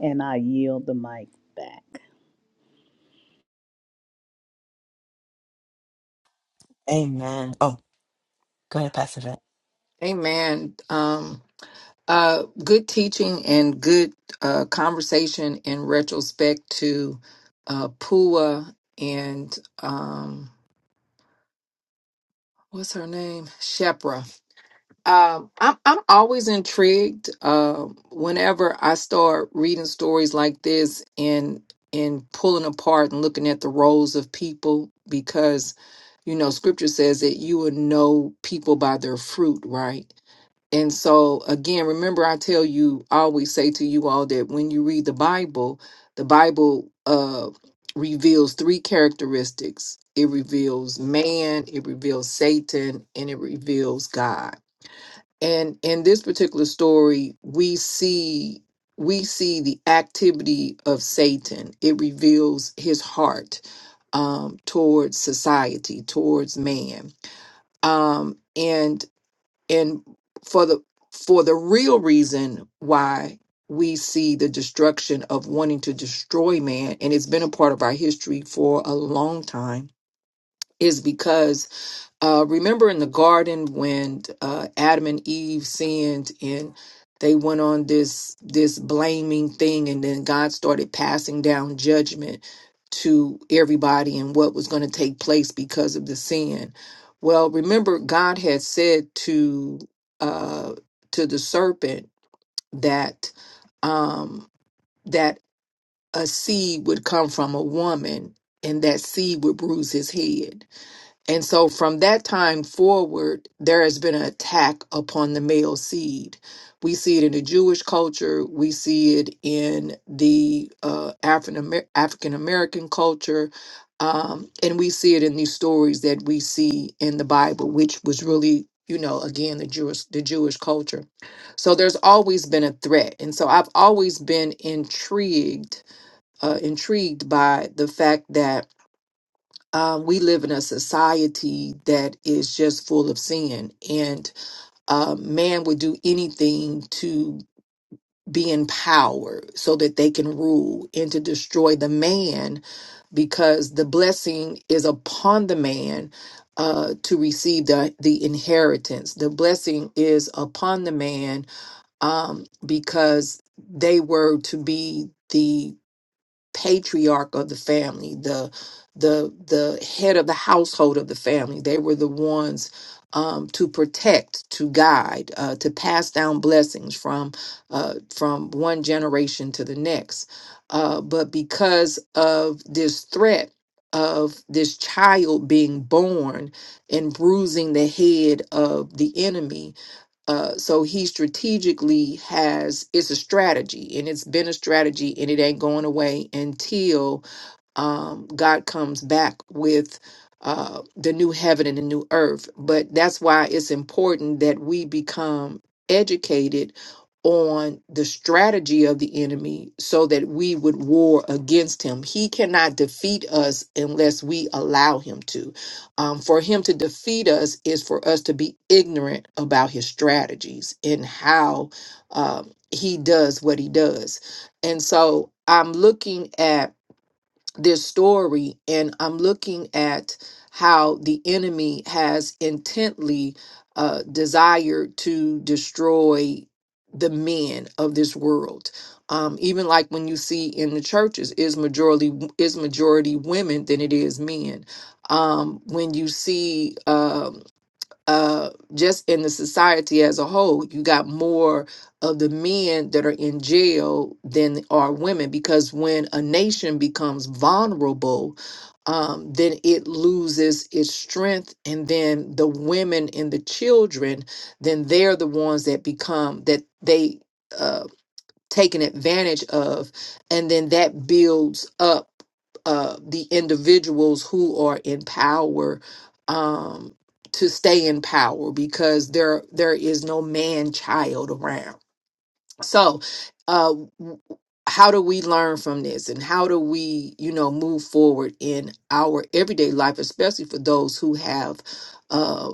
and I yield the mic back.
Amen. Oh, go ahead, Pastor Vet.
Amen. Um, uh, good teaching and good uh, conversation in retrospect to uh, Pua and um, what's her name? Shepra. Um, I'm I'm always intrigued uh, whenever I start reading stories like this and and pulling apart and looking at the roles of people because you know Scripture says that you will know people by their fruit, right? And so, again, remember, I tell you, I always say to you all that when you read the Bible, the Bible uh, reveals three characteristics it reveals man, it reveals Satan, and it reveals God. And in this particular story, we see we see the activity of Satan. It reveals his heart um, towards society, towards man. Um, and and for the for the real reason why we see the destruction of wanting to destroy man and it's been a part of our history for a long time is because uh, remember in the garden when uh, Adam and Eve sinned and they went on this this blaming thing, and then God started passing down judgment to everybody and what was going to take place because of the sin. Well, remember God had said to uh, to the serpent that um, that a seed would come from a woman, and that seed would bruise his head and so from that time forward, there has been an attack upon the male seed. We see it in the Jewish culture, we see it in the uh, African Amer- African American culture, um, and we see it in these stories that we see in the Bible, which was really you know again the jewish the jewish culture so there's always been a threat and so i've always been intrigued uh, intrigued by the fact that um, we live in a society that is just full of sin, and uh, man would do anything to be in power so that they can rule and to destroy the man because the blessing is upon the man uh, to receive the, the inheritance. The blessing is upon the man um, because they were to be. the patriarch of the family, the the the head of the household of the family. They were the ones um, to protect, to guide, uh, to pass down blessings from uh, from one generation to the next. Uh, but because of this threat of this child being born and bruising the head of the enemy, uh, so he strategically has it's a strategy and it's been a strategy and it ain't going away until um, God comes back with uh, the new heaven and the new earth. But that's why it's important that we become educated on the strategy of the enemy so that we would war against him. He cannot defeat us unless we allow him to. Um, for him to defeat us is for us to be ignorant about his strategies and how um, he does what he does. And so I'm looking at this story and I'm looking at how the enemy has intently uh, desired to destroy the men of this world. Um, even like when you see in the churches is majority is majority women than it is men. Um, when you see um, uh, just in the society as a whole, you got more of the men that are in jail than are women because when a nation becomes vulnerable, um, then it loses its strength, and then the women and the children, then they're the ones that become that they. uh, taken advantage of and then that builds up uh, the individuals who are in power um, to stay in power because there there is no man child around so, uh, w- how do we learn from this, and how do we, you know, move forward in our everyday life, especially for those who have uh,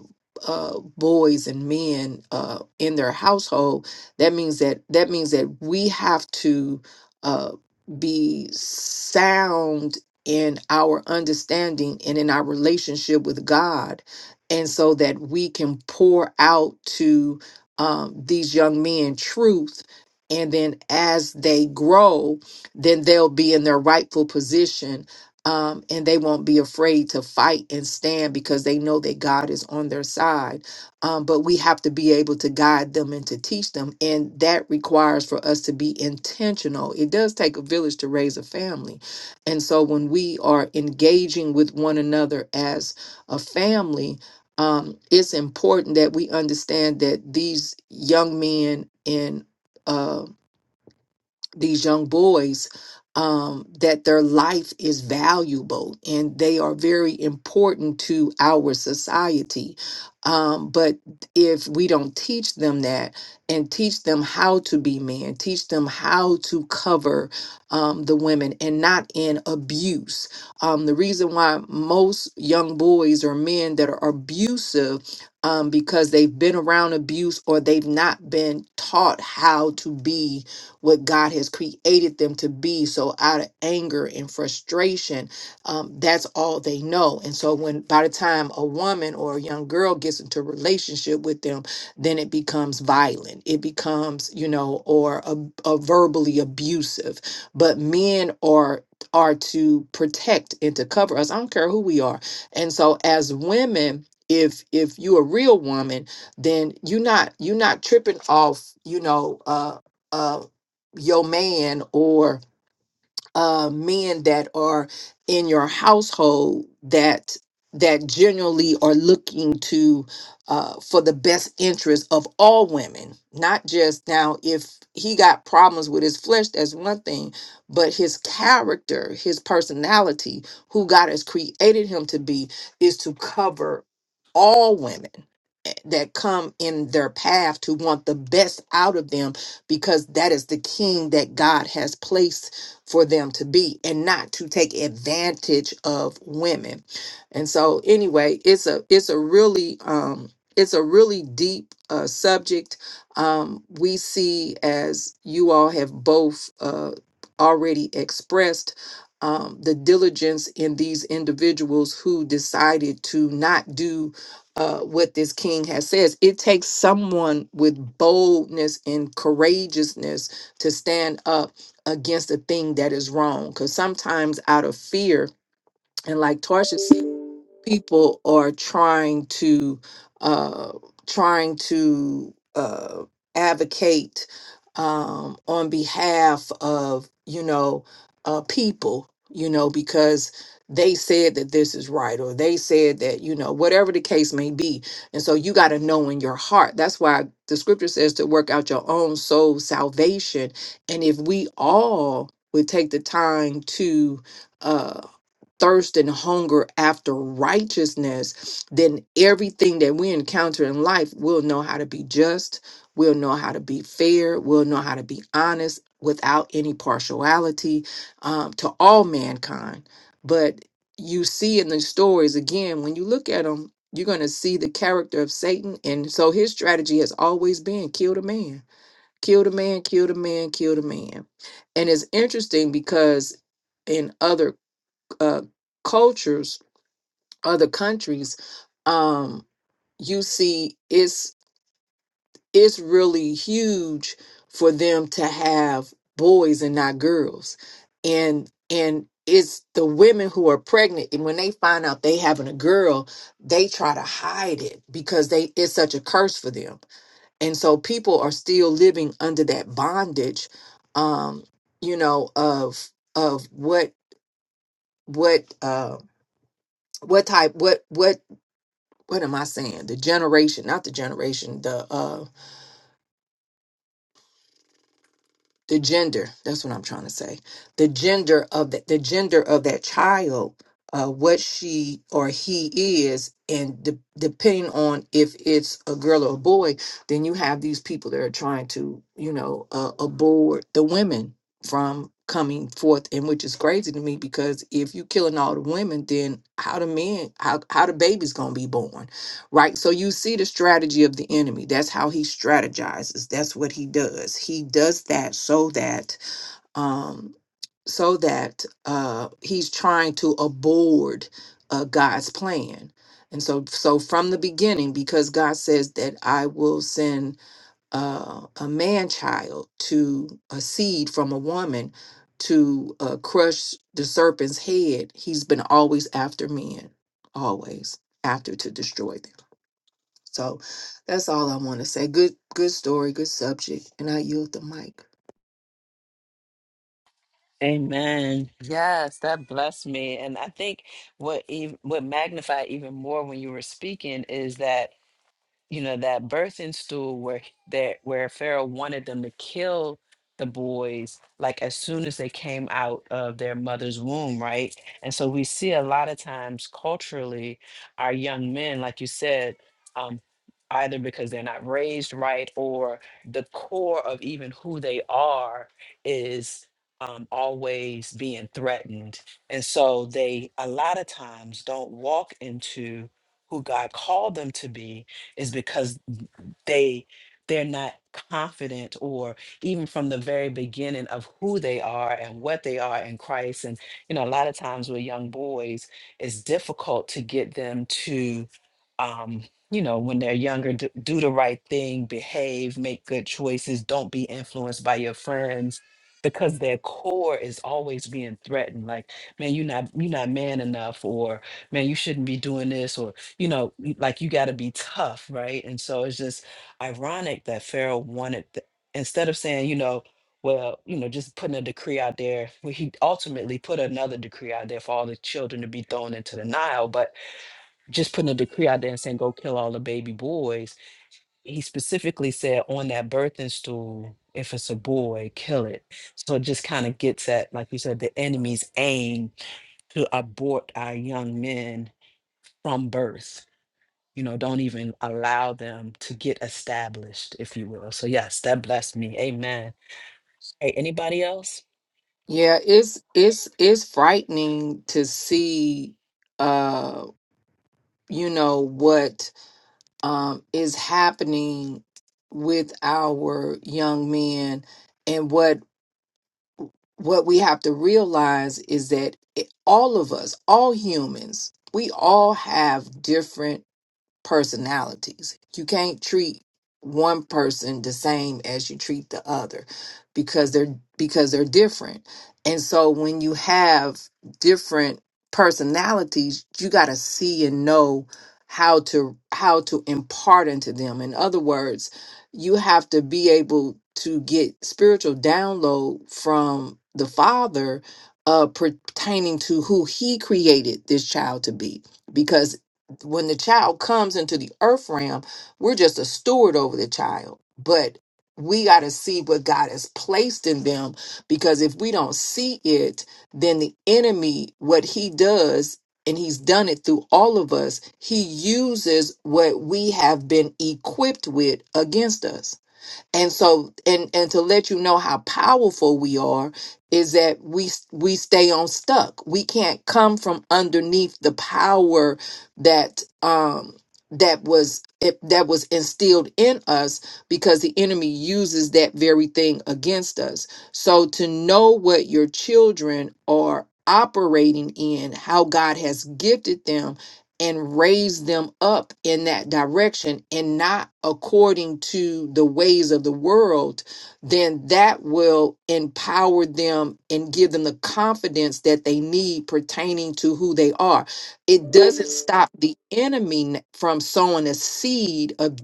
uh, boys and men uh, in their household? That means that that means that we have to uh, be sound in our understanding and in our relationship with God, and so that we can pour out to um, these young men truth and then as they grow then they'll be in their rightful position um, and they won't be afraid to fight and stand because they know that god is on their side um, but we have to be able to guide them and to teach them and that requires for us to be intentional it does take a village to raise a family and so when we are engaging with one another as a family um, it's important that we understand that these young men and these young boys um, that their life is valuable and they are very important to our society. Um, but if we don't teach them that and teach them how to be men, teach them how to cover um, the women and not in abuse. Um, the reason why most young boys or men that are abusive um, because they've been around abuse or they've not been taught how to be what God has created them to be. So out of anger and frustration, um, that's all they know. And so when by the time a woman or a young girl gets into a relationship with them, then it becomes violent. It becomes, you know, or a, a verbally abusive. But men are are to protect and to cover us. I don't care who we are. And so as women, if if you're a real woman, then you're not you're not tripping off, you know, uh uh, your man or uh, men that are in your household that that generally are looking to uh, for the best interest of all women not just now if he got problems with his flesh that's one thing but his character his personality who god has created him to be is to cover all women that come in their path to want the best out of them because that is the king that God has placed for them to be and not to take advantage of women. And so anyway, it's a it's a really um it's a really deep uh, subject. Um, we see, as you all have both uh, already expressed, um, the diligence in these individuals who decided to not do uh, what this king has says. It takes someone with boldness and courageousness to stand up against a thing that is wrong. Because sometimes out of fear, and like Tarsha said, people are trying to uh, trying to uh, advocate um, on behalf of you know uh, people you know because they said that this is right or they said that you know whatever the case may be and so you got to know in your heart that's why the scripture says to work out your own soul salvation and if we all would take the time to uh thirst and hunger after righteousness, then everything that we encounter in life, we'll know how to be just, we'll know how to be fair, we'll know how to be honest without any partiality um, to all mankind. But you see in the stories, again, when you look at them, you're going to see the character of Satan. And so his strategy has always been kill the man, kill the man, kill the man, kill the man. And it's interesting because in other uh, cultures, other countries, um, you see it's it's really huge for them to have boys and not girls, and and it's the women who are pregnant and when they find out they having a girl they try to hide it because they it's such a curse for them and so people are still living under that bondage um you know of of what what uh what type what what what am I saying? The generation, not the generation, the uh the gender. That's what I'm trying to say. The gender of that the gender of that child, uh what she or he is, and de- depending on if it's a girl or a boy, then you have these people that are trying to, you know, uh, abort the women from coming forth and which is crazy to me because if you killing all the women then how the men how how the baby's gonna be born Right. So you see the strategy of the enemy. That's how he strategizes. That's what he does. He does that so that um so that uh he's trying to abort uh God's plan. And so so from the beginning, because God says that I will send uh, a man child to a seed from a woman to uh, crush the serpent's head, he's been always after men, always after to destroy them. So that's all I want to say. Good, good story, good subject, and I yield the mic.
Amen. Yes, that blessed me. And I think what even, what magnified even more when you were speaking is that you know that birthing stool where that where Pharaoh wanted them to kill the boys like as soon as they came out of their mother's womb, right? And so we see a lot of times culturally our young men, like you said, um, either because they're not raised right or the core of even who they are is um, always being threatened. And so they a lot of times don't walk into who God called them to be is because they they're not confident or even from the very beginning of who they are and what they are in Christ and you know a lot of times with young boys it's difficult to get them to um you know when they're younger d- do the right thing behave make good choices don't be influenced by your friends because their core is always being threatened like man you're not you're not man enough or man you shouldn't be doing this or you know y- like you got to be tough right and so it's just ironic that Pharaoh wanted, th- instead of saying, you know, well, you know, just putting a decree out there, well, he ultimately put another decree out there for all the children to be thrown into the Nile, but just putting a decree out there and saying, go kill all the baby boys. He specifically said, on that birthing stool, if it's a boy, kill it. So it just kind of gets at, like you said, the enemy's aim to abort our young men from birth you know, don't even allow them to get established, if you will. So yes, that blessed me. Amen. Hey, anybody else?
Yeah, it's it's it's frightening to see, uh, you know what um is happening with our young men, and what what we have to realize is that it, all of us, all humans, we all have different personalities. You can't treat one person the same as you treat the other because they're because they're different. And so when you have different personalities, you got to see and know how to how to impart into them. In other words, you have to be able to get spiritual download from the father uh pertaining to who he created this child to be because when the child comes into the earth realm, we're just a steward over the child. But we got to see what God has placed in them because if we don't see it, then the enemy, what he does, and he's done it through all of us, he uses what we have been equipped with against us and so and and to let you know how powerful we are is that we s- we stay on stuck we can't come from underneath the power that um that was it, that was instilled in us because the enemy uses that very thing against us so to know what your children are operating in how god has gifted them and raise them up in that direction and not according to the ways of the world, then that will empower them and give them the confidence that they need pertaining to who they are. It doesn't stop the enemy n- from sowing a seed of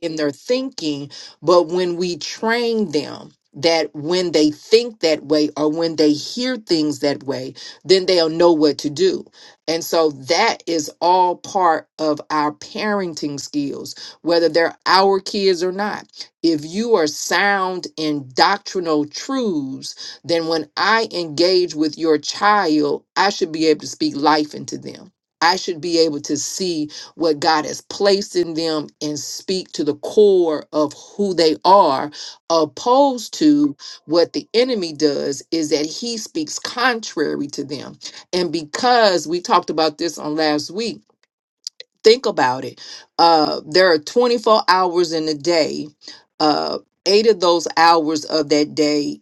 in their thinking, but when we train them that when they think that way or when they hear things that way, then they'll know what to do. And so that is all part of our parenting skills, whether they're our kids or not. If you are sound in doctrinal truths, then when I engage with your child, I should be able to speak life into them. I should be able to see what God has placed in them and speak to the core of who they are, opposed to what the enemy does is that he speaks contrary to them. And because we talked about this on last week, think about it. Uh, there are 24 hours in a day. Uh, Eight of those hours of that day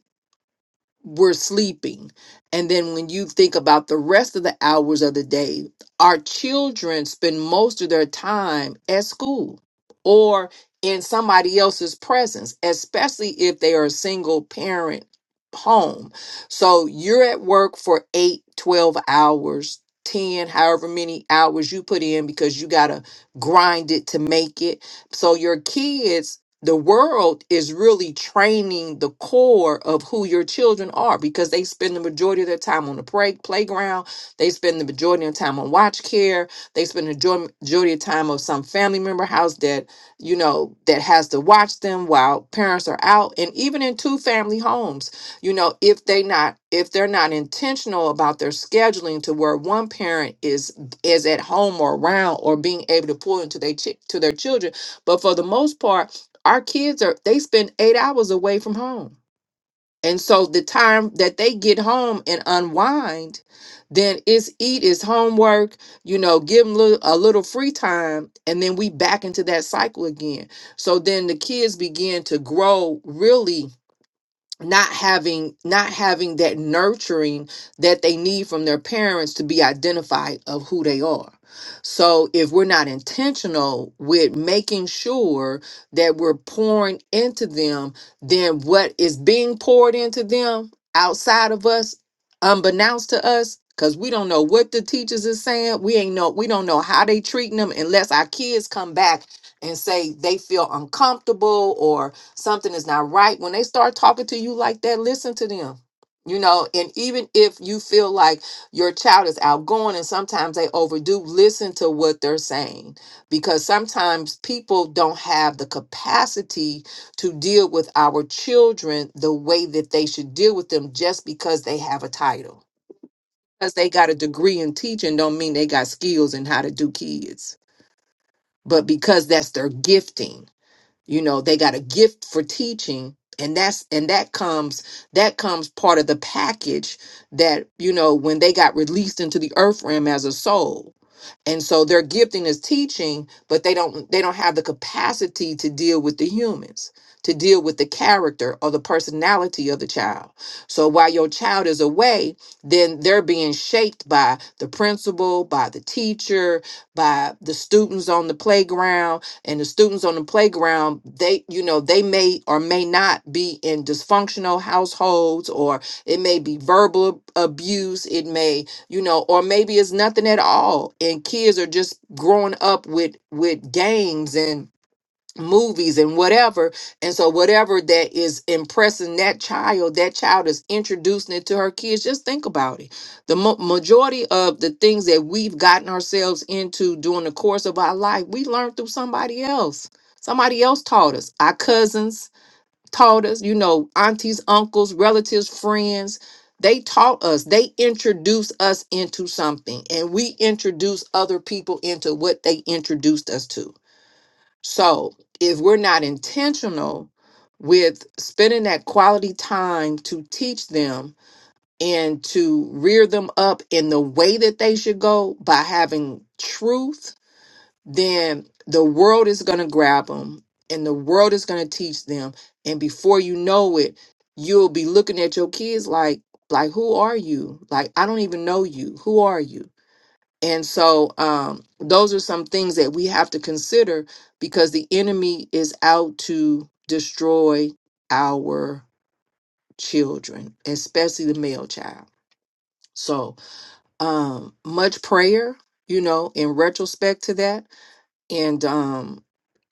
we're sleeping. And then when you think about the rest of the hours of the day, our children spend most of their time at school or in somebody else's presence, especially if they are a single parent home. So you're at work for eight, twelve hours, 10, however many hours you put in because you got to grind it to make it. So your kids the world is really training the core of who your children are because they spend the majority of their time on the play, playground. They spend the majority of their time on watch care. They spend the major- majority of time of some family member house that, you know, that has to watch them while parents are out. And even in two family homes, you know, if they not, if they're not intentional about their scheduling to where one parent is, is at home or around or being able to pour into their, chi- to their children. But for the most part, our kids are they spend eight hours away from home and so the time that they get home and unwind then it's eat it's homework you know give them a little free time and then we back into that cycle again so then the kids begin to grow really not having not having that nurturing that they need from their parents to be identified of who they are so if we're not intentional with making sure that we're pouring into them then what is being poured into them outside of us unbeknownst to us because we don't know what the teachers is saying we ain't know we don't know how they treating them unless our kids come back and say they feel uncomfortable or something is not right when they start talking to you like that listen to them you know and even if you feel like your child is outgoing and sometimes they overdo listen to what they're saying because sometimes people don't have the capacity to deal with our children the way that they should deal with them just because they have a title because they got a degree in teaching don't mean they got skills in how to do kids but because that's their gifting you know they got a gift for teaching and that's and that comes that comes part of the package that you know when they got released into the earth realm as a soul and so their gifting is teaching but they don't they don't have the capacity to deal with the humans to deal with the character or the personality of the child so while your child is away then they're being shaped by the principal by the teacher by the students on the playground and the students on the playground they you know they may or may not be in dysfunctional households or it may be verbal abuse it may you know or maybe it's nothing at all and kids are just growing up with with games and movies and whatever and so whatever that is impressing that child that child is introducing it to her kids just think about it the mo- majority of the things that we've gotten ourselves into during the course of our life we learned through somebody else somebody else taught us our cousins taught us, you know, aunties, uncles, relatives, friends. They taught us, they introduced us into something, and we introduce other people into what they introduced us to. So if we're not intentional with spending that quality time to teach them and to rear them up in the way that they should go by having truth then the world is going to grab them and the world is going to teach them and before you know it you'll be looking at your kids like like who are you like i don't even know you who are you and so um those are some things that we have to consider because the enemy is out to destroy our children especially the male child so um much prayer you know in retrospect to that and um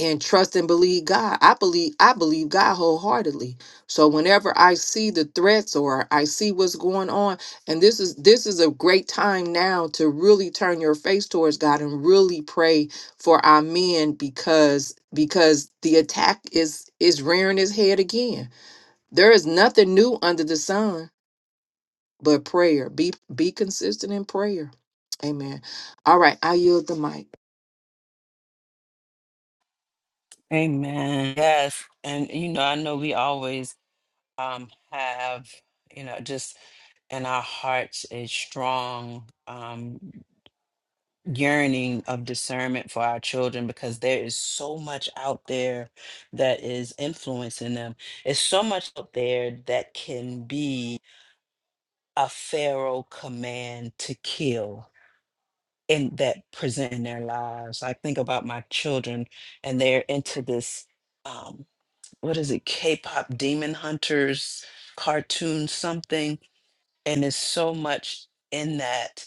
and trust and believe God. I believe I believe God wholeheartedly. So whenever I see the threats or I see what's going on, and this is this is a great time now to really turn your face towards God and really pray for our men because because the attack is is rearing its head again. There is nothing new under the sun but prayer. Be be consistent in prayer. Amen. All right, I yield the mic.
Amen. Yes. And you know, I know we always um have, you know, just in our hearts a strong um yearning of discernment for our children because there is so much out there that is influencing them. It's so much out there that can be a Pharaoh command to kill in that present in their lives. I think about my children and they're into this um what is it, K-pop demon hunters cartoon something. And there's so much in that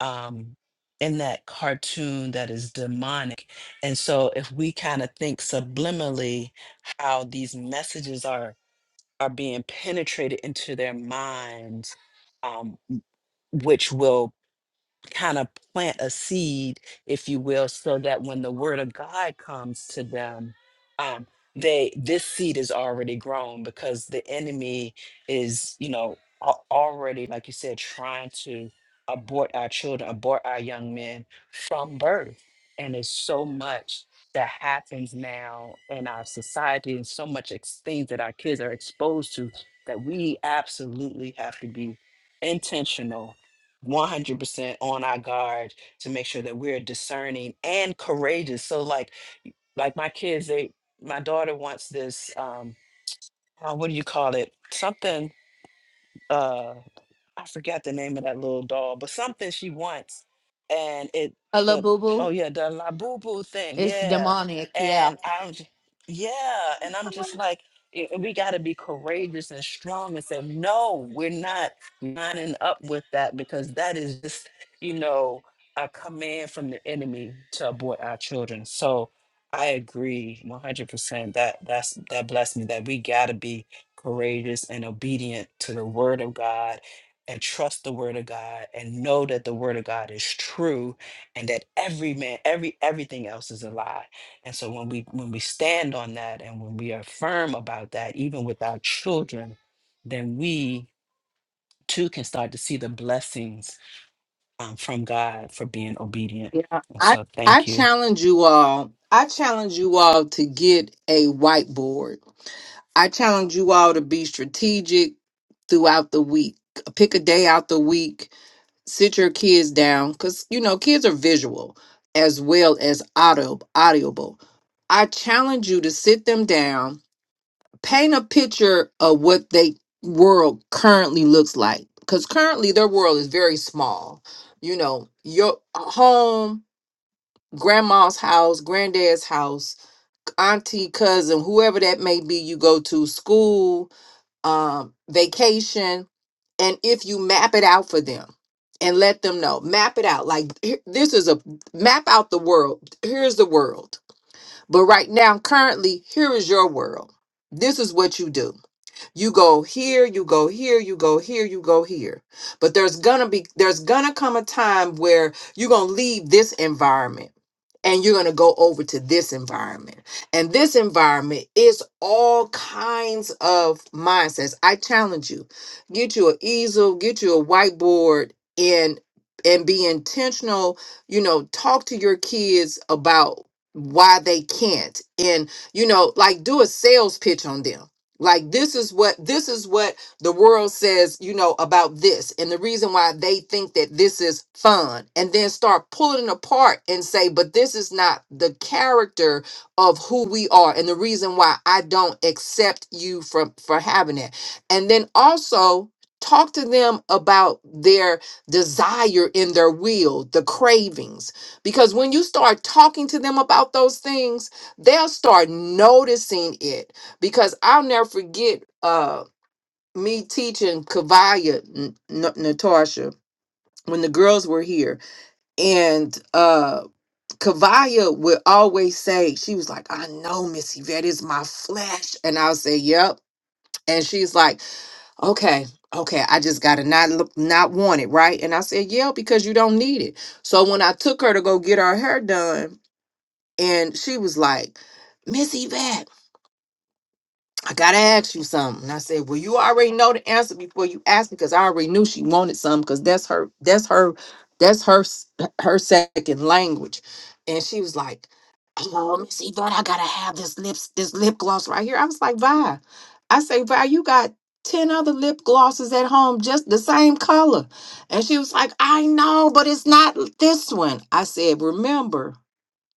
um in that cartoon that is demonic. And so if we kind of think subliminally how these messages are are being penetrated into their minds, um, which will kind of plant a seed, if you will, so that when the word of God comes to them, um, they this seed is already grown because the enemy is, you know, al- already, like you said, trying to abort our children, abort our young men from birth. And it's so much that happens now in our society and so much ex- things that our kids are exposed to that we absolutely have to be intentional 100% on our guard to make sure that we're discerning and courageous so like like my kids they my daughter wants this um uh, what do you call it something uh, I forgot the name of that little doll, but something she wants, and it
A
the oh
labubu.
yeah the la boo boo thing
It's
yeah,
demonic. Yeah.
and I'm j- yeah, and I'm just like "Y- we got to be courageous and strong and say no, we're not lining up with that because that is just you know a command from the enemy to abort our children. So I agree 100% that that's that blessed me that we got to be courageous and obedient to the word of God and trust the word of God and know that the word of God is true and that every man every everything else is a lie. And so when we when we stand on that and when we are firm about that even with our children then we too can start to see the blessings um, from God for being obedient.
Yeah,
And
I
so
I
thank you.
challenge you all. I challenge you all to get a whiteboard. I challenge you all to be strategic throughout the week. Pick a day out the week. Sit your kids down because you know kids are visual as well as audio audible. I challenge you to sit them down, paint a picture of what they world currently looks like. Because currently their world is very small. You know, your home, grandma's house, granddad's house, auntie, cousin, whoever that may be, you go to school, um, vacation, and if you map it out for them and let them know, map it out. Like here- this is a map out the world. Here's the world. But right now, currently, here is your world. This is what you do. You go here, you go here, you go here, you go here. But there's gonna be there's gonna come a time where you're gonna leave this environment and you're gonna go over to this environment. And this environment is all kinds of mindsets. I challenge you. Get you an easel, get you a whiteboard and and be intentional, you know, talk to your kids about why they can't and you know like do a sales pitch on them like this is what this is what the world says you know about this and the reason why they think that this is fun and then start pulling it apart and say but this is not the character of who we are and the reason why i don't accept you from for having it and then also talk to them about their desire in their will the cravings because when you start talking to them about those things they'll start noticing it because I'll never forget uh me teaching Kavaya N- N- Natasha when the girls were here and uh Kavaya would always say she was like I know Miss Yvette is my flesh and I'll say yep and she's like okay okay I just gotta not look not want it right and I said yeah because you don't need it so when I took her to go get her hair done and she was like Miss Yvette I gotta ask you something. And I said, Well, you already know the answer before you asked because I already knew she wanted something because that's her, that's her, that's her s- her second language. And she was like, Oh, Miss Yvonne, I gotta have this lips, this lip gloss right here. I was like, Vi, I say, Vi, you got 10 other lip glosses at home, just the same color. And she was like, I know, but it's not this one. I said, remember.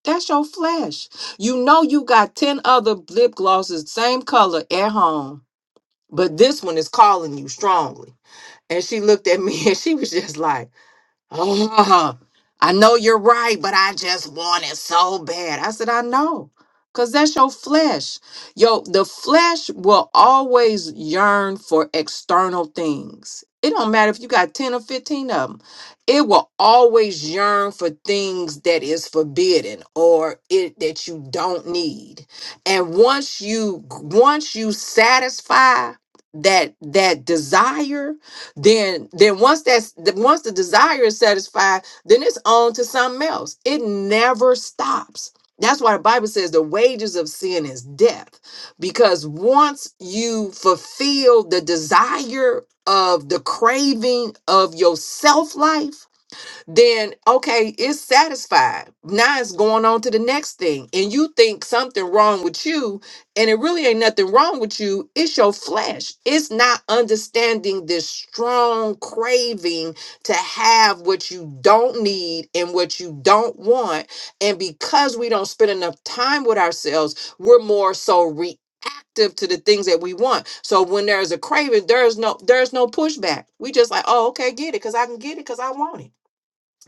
That's your flesh. You know you got 10 other lip glosses, same color at home, but this one is calling you strongly. And she looked at me <laughs> and she was just like, Oh, I know you're right, but I just want it so bad. I said, I know. Cause that's your flesh. Yo, the flesh will always yearn for external things. It don't matter if you got 10 or 15 of them. It will always yearn for things that is forbidden or it that you don't need. And once you once you satisfy that that desire, then then once that's the- once the desire is satisfied then it's on to something else it never stops that's why the bible says the wages of sin is death because once you fulfill the desire of the craving of your self life then okay, it's satisfied. Now it's going on to the next thing. And you think something wrong with you, and it really ain't nothing wrong with you. It's your flesh. It's not understanding this strong craving to have what you don't need and what you don't want. And because we don't spend enough time with ourselves, we're more so reactive to the things that we want. So when there's a craving, there's no there's no pushback. We just like, oh, okay, get it, because I can get it because I want it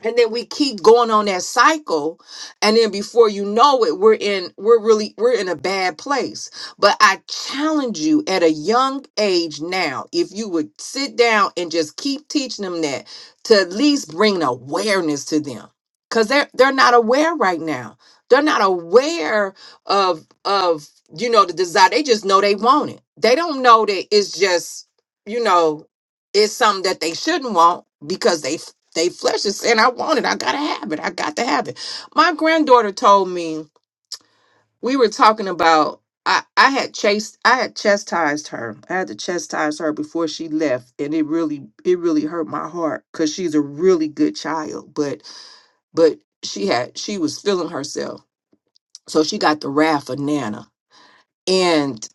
and then we keep going on that cycle and then before you know it we're in we're really we're in a bad place but i challenge you at a young age now if you would sit down and just keep teaching them that to at least bring an awareness to them because they're they're not aware right now they're not aware of of you know the desire they just know they want it they don't know that it's just you know it's something that they shouldn't want because they they flesh is saying, I want it. I got to have it. I got to have it. My granddaughter told me we were talking about. I, I had chased I had chastised her. I had to chastise her before she left and it really it really hurt my heart cuz she's a really good child but but she had she was feeling herself. So she got the wrath of Nana. And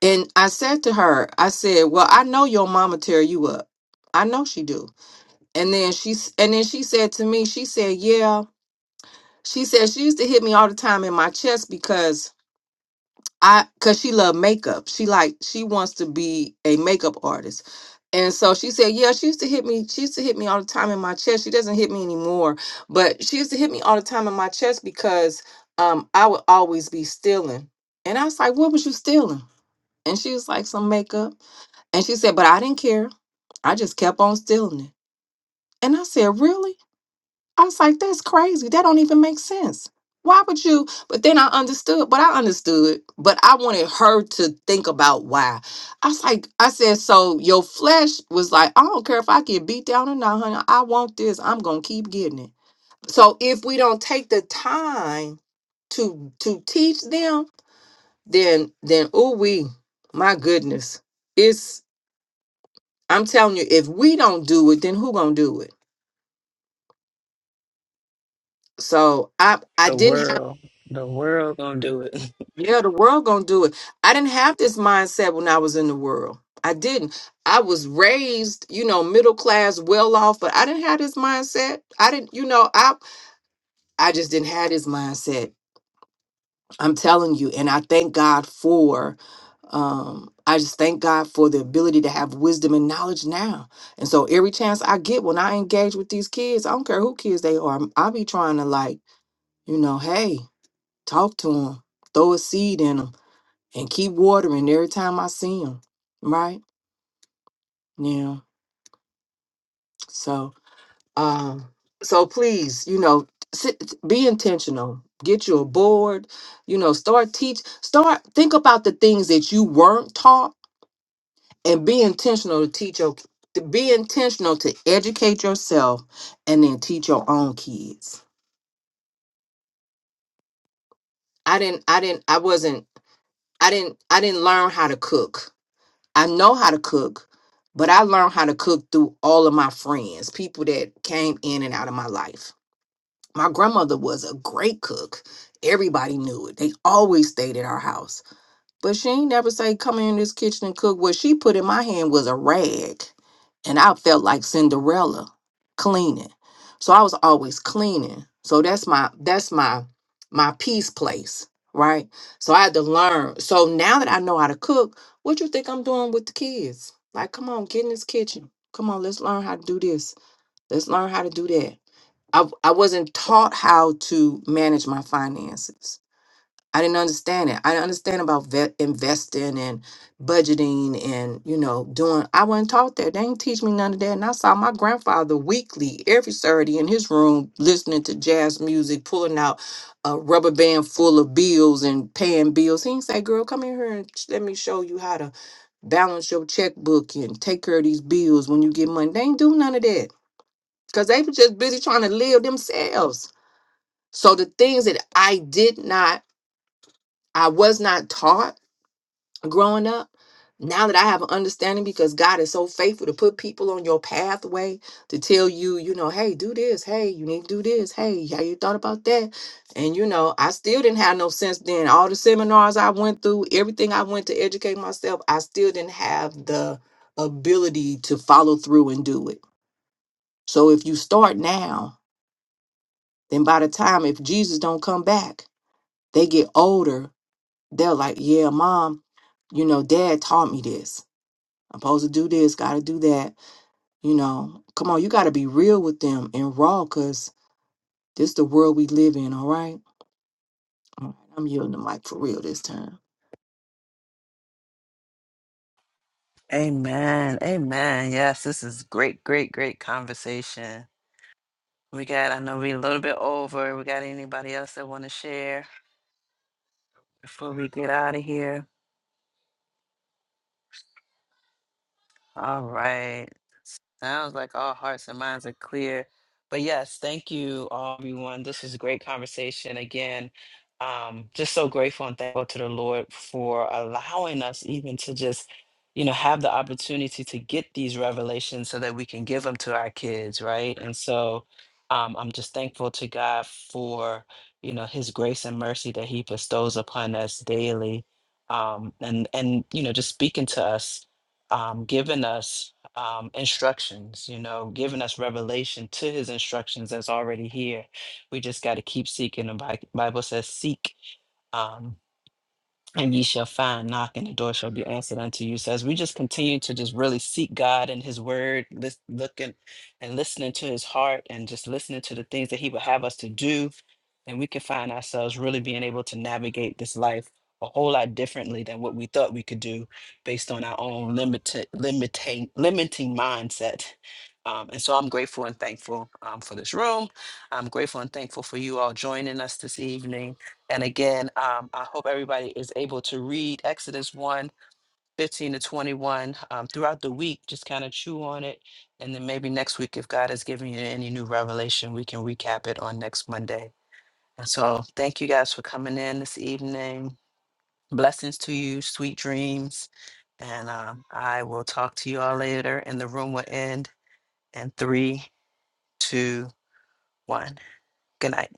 and I said to her, I said, "Well, I know your mama tear you up. I know she do." And then she s- and then she said to me, she said, "Yeah, She said she used to hit me all the time in my chest because I cuz she loved makeup. She like she wants to be a makeup artist. And so she said, "Yeah, she used to hit me. She used to hit me all the time in my chest. She doesn't hit me anymore, but she used to hit me all the time in my chest because um I would always be stealing." And I was like, "What was you stealing?" And she was like, "Some makeup." And she said, "But I didn't care. I just kept on stealing it." And I said, "Really?" I was like, that's crazy. That don't even make sense. Why would you? But then I understood, but I understood, but I wanted her to think about why. I was like, I said, so your flesh was like, I don't care if I get beat down or not, honey. I want this. I'm gonna keep getting it. So if we don't take the time to to teach them, then then oh we, my goodness. It's I'm telling you, if we don't do it, then who gonna do it? So I I
The
didn't
world the world going to do it.
Yeah, the world gonna do it. I didn't have this mindset when I was in the world. I didn't. I was raised, you know, middle class, well off, but I didn't have this mindset. I didn't, you know, I I just didn't have this mindset. I'm telling you, and I thank God for um I just thank God for the ability to have wisdom and knowledge now. And so every chance I get when I engage with these kids, I don't care who kids they are, I'll be trying to like, you know, hey, talk to them, throw a seed in them and keep watering every time I see him. Right now, so um, so please, you know, sit, be intentional. Get you a board. You know, start teach. Start think about the things that you weren't taught, and be intentional to teach your. To be intentional to educate yourself, and then teach your own kids. I didn't. I didn't. I wasn't. I didn't. I didn't learn how to cook I know how to cook, but I learned how to cook through all of my friends, people that came in and out of my life. My grandmother was a great cook. Everybody knew it. They always stayed at our house. But she ain't never say, come in this kitchen and cook. What she put in my hand was a rag. And I felt like Cinderella cleaning. So I was always cleaning. So that's my that's my my peace place. Right. So I had to learn. So now that I know how to cook, what you think I'm doing with the kids? Like, come on, get in this kitchen. Come on, let's learn how to do this. Let's learn how to do that. I, I wasn't taught how to manage my finances I didn't understand it. I didn't understand about vet investing and budgeting and you know doing. I wasn't taught that. They didn't teach me none of that. And I saw my grandfather weekly, every Saturday, in his room listening to jazz music, pulling out a rubber band full of bills and paying bills. He did say, "Girl, come in here and sh- let me show you how to balance your checkbook and take care of these bills when you get money." They ain't do none of that because they were just busy trying to live themselves. So the things that I did not, I was not taught growing up now that i have an understanding because god is so faithful to put people on your pathway to tell you you know hey do this hey you need to do this hey how you thought about that and you know i still didn't have no sense then all the seminars i went through everything i went to educate myself i still didn't have the ability to follow through and do it so if you start now then by the time if jesus don't come back they get older they're like yeah mom you know dad taught me this I'm supposed to do this, got to do that. You know, come on, you got to be real with them and raw because this the world we live in, all right? All right, I'm yielding the mic for real this time.
<laughs> Amen. Amen. Yes, this is great great great conversation. We got, I know we're a little bit over. We got anybody else that want to share before we get out of here? All right. Sounds like all hearts and minds are clear. But yes, thank you, all, everyone. This was a great conversation. Again, um, just so grateful and thankful to the Lord for allowing us even to just, you know, have the opportunity to get these revelations so that we can give them to our kids, right? And so um, I'm just thankful to God for, you know, his grace and mercy that he bestows upon us daily. Um, and, and, you know, just speaking to us, um, giving us um, instructions, you know, giving us revelation to his instructions that's already here. We just got to keep seeking. The Bi- Bible says, seek. Um, and ye shall find knock and the door shall be answered unto you so as we just continue to just really seek god and his word lis- looking and listening to his heart and just listening to the things that he would have us to do and we can find ourselves really being able to navigate this life a whole lot differently than what we thought we could do based on our own limited limiting limiting mindset um, and so i'm grateful and thankful um, for this room i'm grateful and thankful for you all joining us this evening and again, um, I hope everybody is able to read Exodus one 15 to 21 um, throughout the week. Just kind of chew on it. And then maybe next week, if God has given you any new revelation, we can recap it on next Monday. And so, thank you guys for coming in this evening. Blessings to you, sweet dreams. And um, I will talk to you all later. And the room will end in three, two, one. Good night.